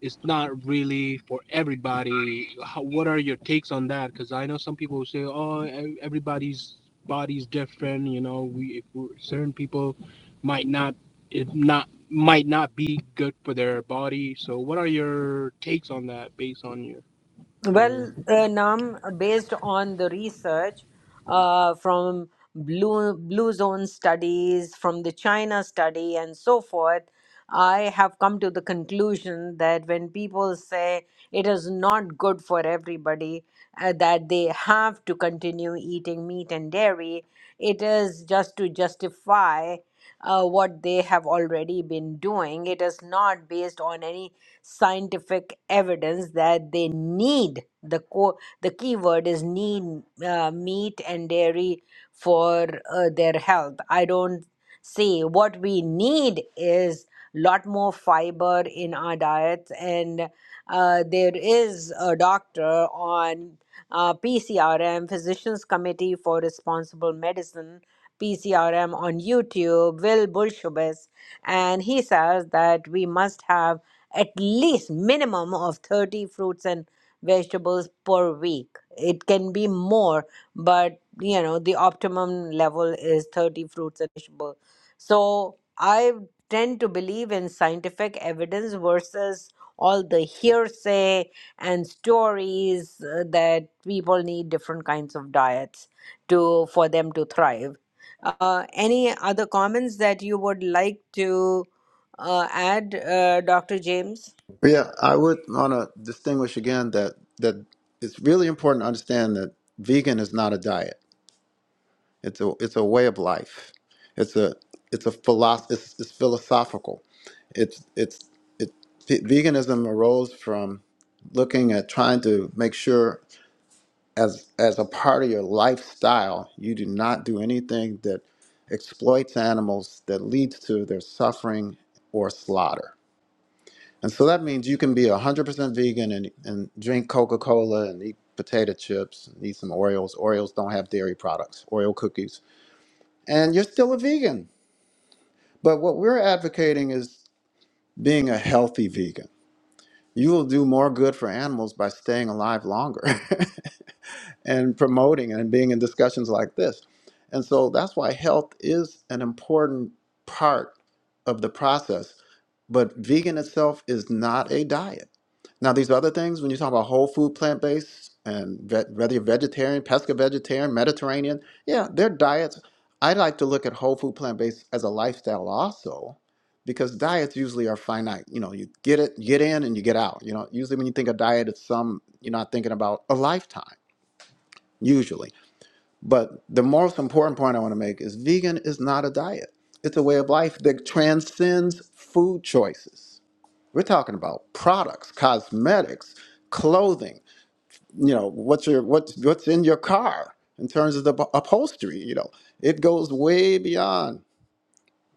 [SPEAKER 8] it's not really for everybody. How, what are your takes on that? Because I know some people say, oh, e- everybody's body's different. You know, we if we're, certain people might not it not might not be good for their body. So, what are your takes on that based on your your
[SPEAKER 1] Well, uh, Nam, based on the research uh, from Blue Blue Zone studies, from the China study, and so forth, I have come to the conclusion that when people say it is not good for everybody uh, that they have to continue eating meat and dairy, it is just to justify uh, what they have already been doing. It is not based on any scientific evidence that they need the co- the key word is need uh, meat and dairy for uh, their health. I don't see what we need is lot more fiber in our diets and uh, there is a doctor on uh, PCRM, Physicians Committee for Responsible Medicine, PCRM on YouTube, Will Bulshubis, and he says that we must have at least minimum of 30 fruits and vegetables per week. It can be more, but you know, the optimum level is 30 fruits and vegetables. So I tend to believe in scientific evidence versus all the hearsay and stories uh, that people need different kinds of diets to for them to thrive uh, any other comments that you would like to uh, add, uh, Dr. James?
[SPEAKER 2] Yeah, I would want to distinguish again that that it's really important to understand that vegan is not a diet. It's a it's a way of life. It's a it's a philosoph- it's, it's philosophical. It's it's it ve- veganism arose from looking at trying to make sure as as a part of your lifestyle you do not do anything that exploits animals that leads to their suffering or slaughter. And so that means you can be 100% vegan and, and drink Coca Cola and eat potato chips and eat some Oreos. Oreos don't have dairy products, Oreo cookies and you're still a vegan. But what we're advocating is being a healthy vegan. You will do more good for animals by staying alive longer *laughs* and promoting and being in discussions like this. And so that's why health is an important part of the process. But vegan itself is not a diet now, these other things, when you talk about whole food, plant based, and ve- whether you're vegetarian, pesca vegetarian, Mediterranean, yeah, their diets. I like to look at whole food, plant based as a lifestyle also, because diets usually are finite. You know, you get it, you get in, and you get out. You know, usually when you think of diet, it's some you're not thinking about a lifetime usually. But the most important point I want to make is vegan is not a diet. It's a way of life that transcends food choices we're talking about products, cosmetics, clothing. You know what's your what's what's in your car in terms of the up- upholstery. You know it goes way beyond,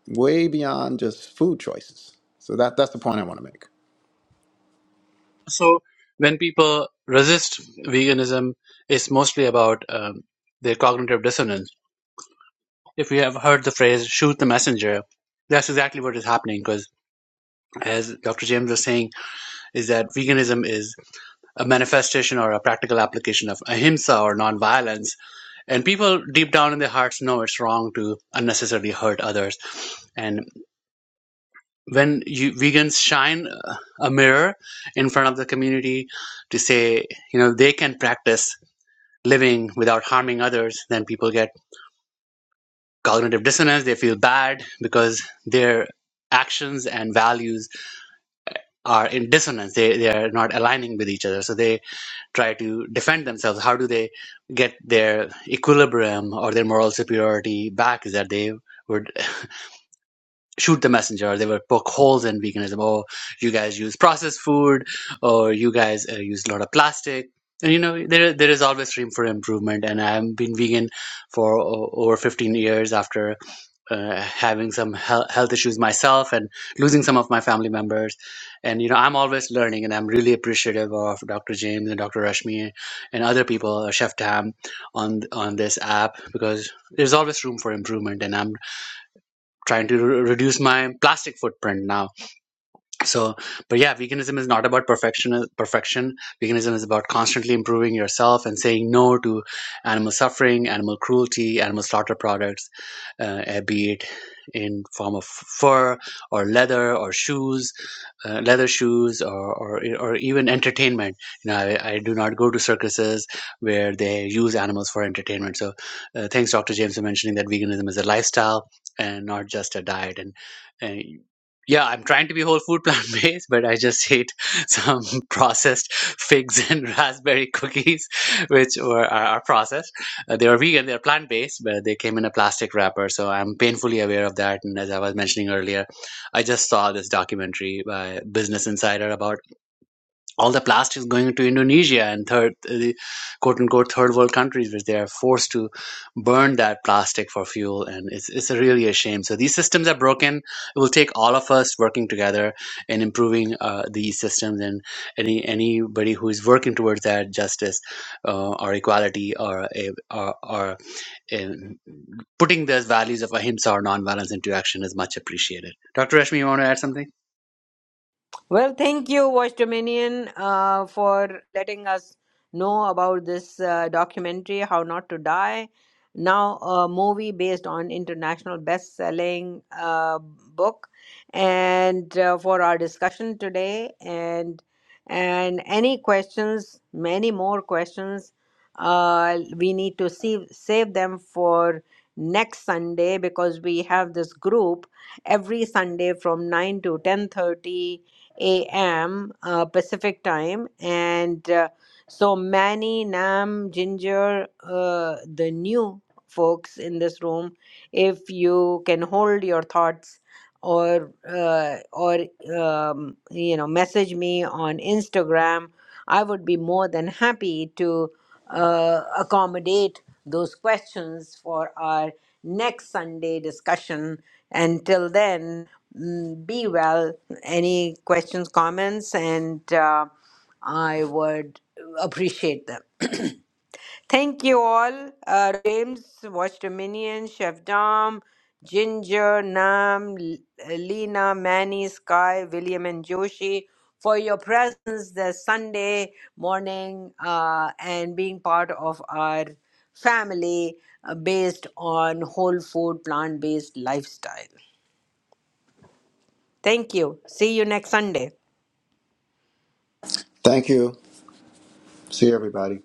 [SPEAKER 2] way beyond just food choices. So that that's the point I want to make.
[SPEAKER 4] So when people resist veganism, it's mostly about um, their cognitive dissonance. if you have heard the phrase shoot the messenger that's exactly what is happening because as dr james was saying is that veganism is a manifestation or a practical application of ahimsa or nonviolence and people deep down in their hearts know it's wrong to unnecessarily hurt others and when you vegans shine uh, a mirror in front of the community to say you know they can practice living without harming others then people get cognitive dissonance. They feel bad because their actions and values are in dissonance. They, they are not aligning with each other. So they try to defend themselves. How do they get their equilibrium or their moral superiority back? Is that they would shoot the messenger or they would poke holes in veganism. Oh, you guys use processed food or you guys uh, use a lot of plastic. And you know there there is always room for improvement, and I've been vegan for o- over fifteen years after uh, having some health, health issues myself and losing some of my family members and you know i'm always learning and i'm really appreciative of dr james and dr rashmi and other people uh, chef tam on on this app because there's always room for improvement and i'm trying to re- reduce my plastic footprint now so but yeah veganism is not about perfection perfection veganism is about constantly improving yourself and saying no to animal suffering animal cruelty animal slaughter products uh, eh, be it in form of fur or leather or shoes uh, leather shoes or, or or even entertainment you know I, I do not go to circuses where they use animals for entertainment so uh, thanks dr james for mentioning that veganism is a lifestyle and not just a diet and, and yeah i'm trying to be whole food *laughs* plant based but i just hate some *laughs* processed figs and *laughs* raspberry cookies which were are, are processed uh, they are vegan they're plant based but they came in a plastic wrapper so i'm painfully aware of that and as i was mentioning earlier I just saw this documentary by Business Insider about all the plastics going to Indonesia and third, uh, the quote unquote third world countries, which they are forced to burn that plastic for fuel, and it's it's really a shame. So these systems are broken. It will take all of us working together and improving uh, these systems, and any anybody who is working towards that justice uh, or equality or a, or, or in putting those values of ahimsa or nonviolence into action is much appreciated. Dr. Rashmi, you want to add something?
[SPEAKER 1] Well, thank you, Watch Dominion, uh, for letting us know about this uh, documentary, How Not to Die. Now, a movie based on international best-selling uh, book, and uh, for our discussion today, and and any questions, many more questions, uh, we need to see, save them for next Sunday because we have this group every Sunday from nine to ten thirty a.m. Uh, Pacific time, and uh, so Manny, Nam, Ginger, uh, the new folks in this room, if you can hold your thoughts or uh, or um, you know message me on Instagram, I would be more than happy to uh, accommodate those questions for our next Sunday discussion. Until then, mm, be well. Any questions, comments, and uh, I would appreciate them. *clears throat* Thank you all. Uh, James, Watch Dominion, Chef Dom, Ginger, Nam, L- Lena, Manny, Sky, William, and Joshi for your presence this Sunday morning uh, and being part of our family uh, based on whole food, plant based lifestyle. Thank you. See you next Sunday.
[SPEAKER 2] Thank you. See everybody.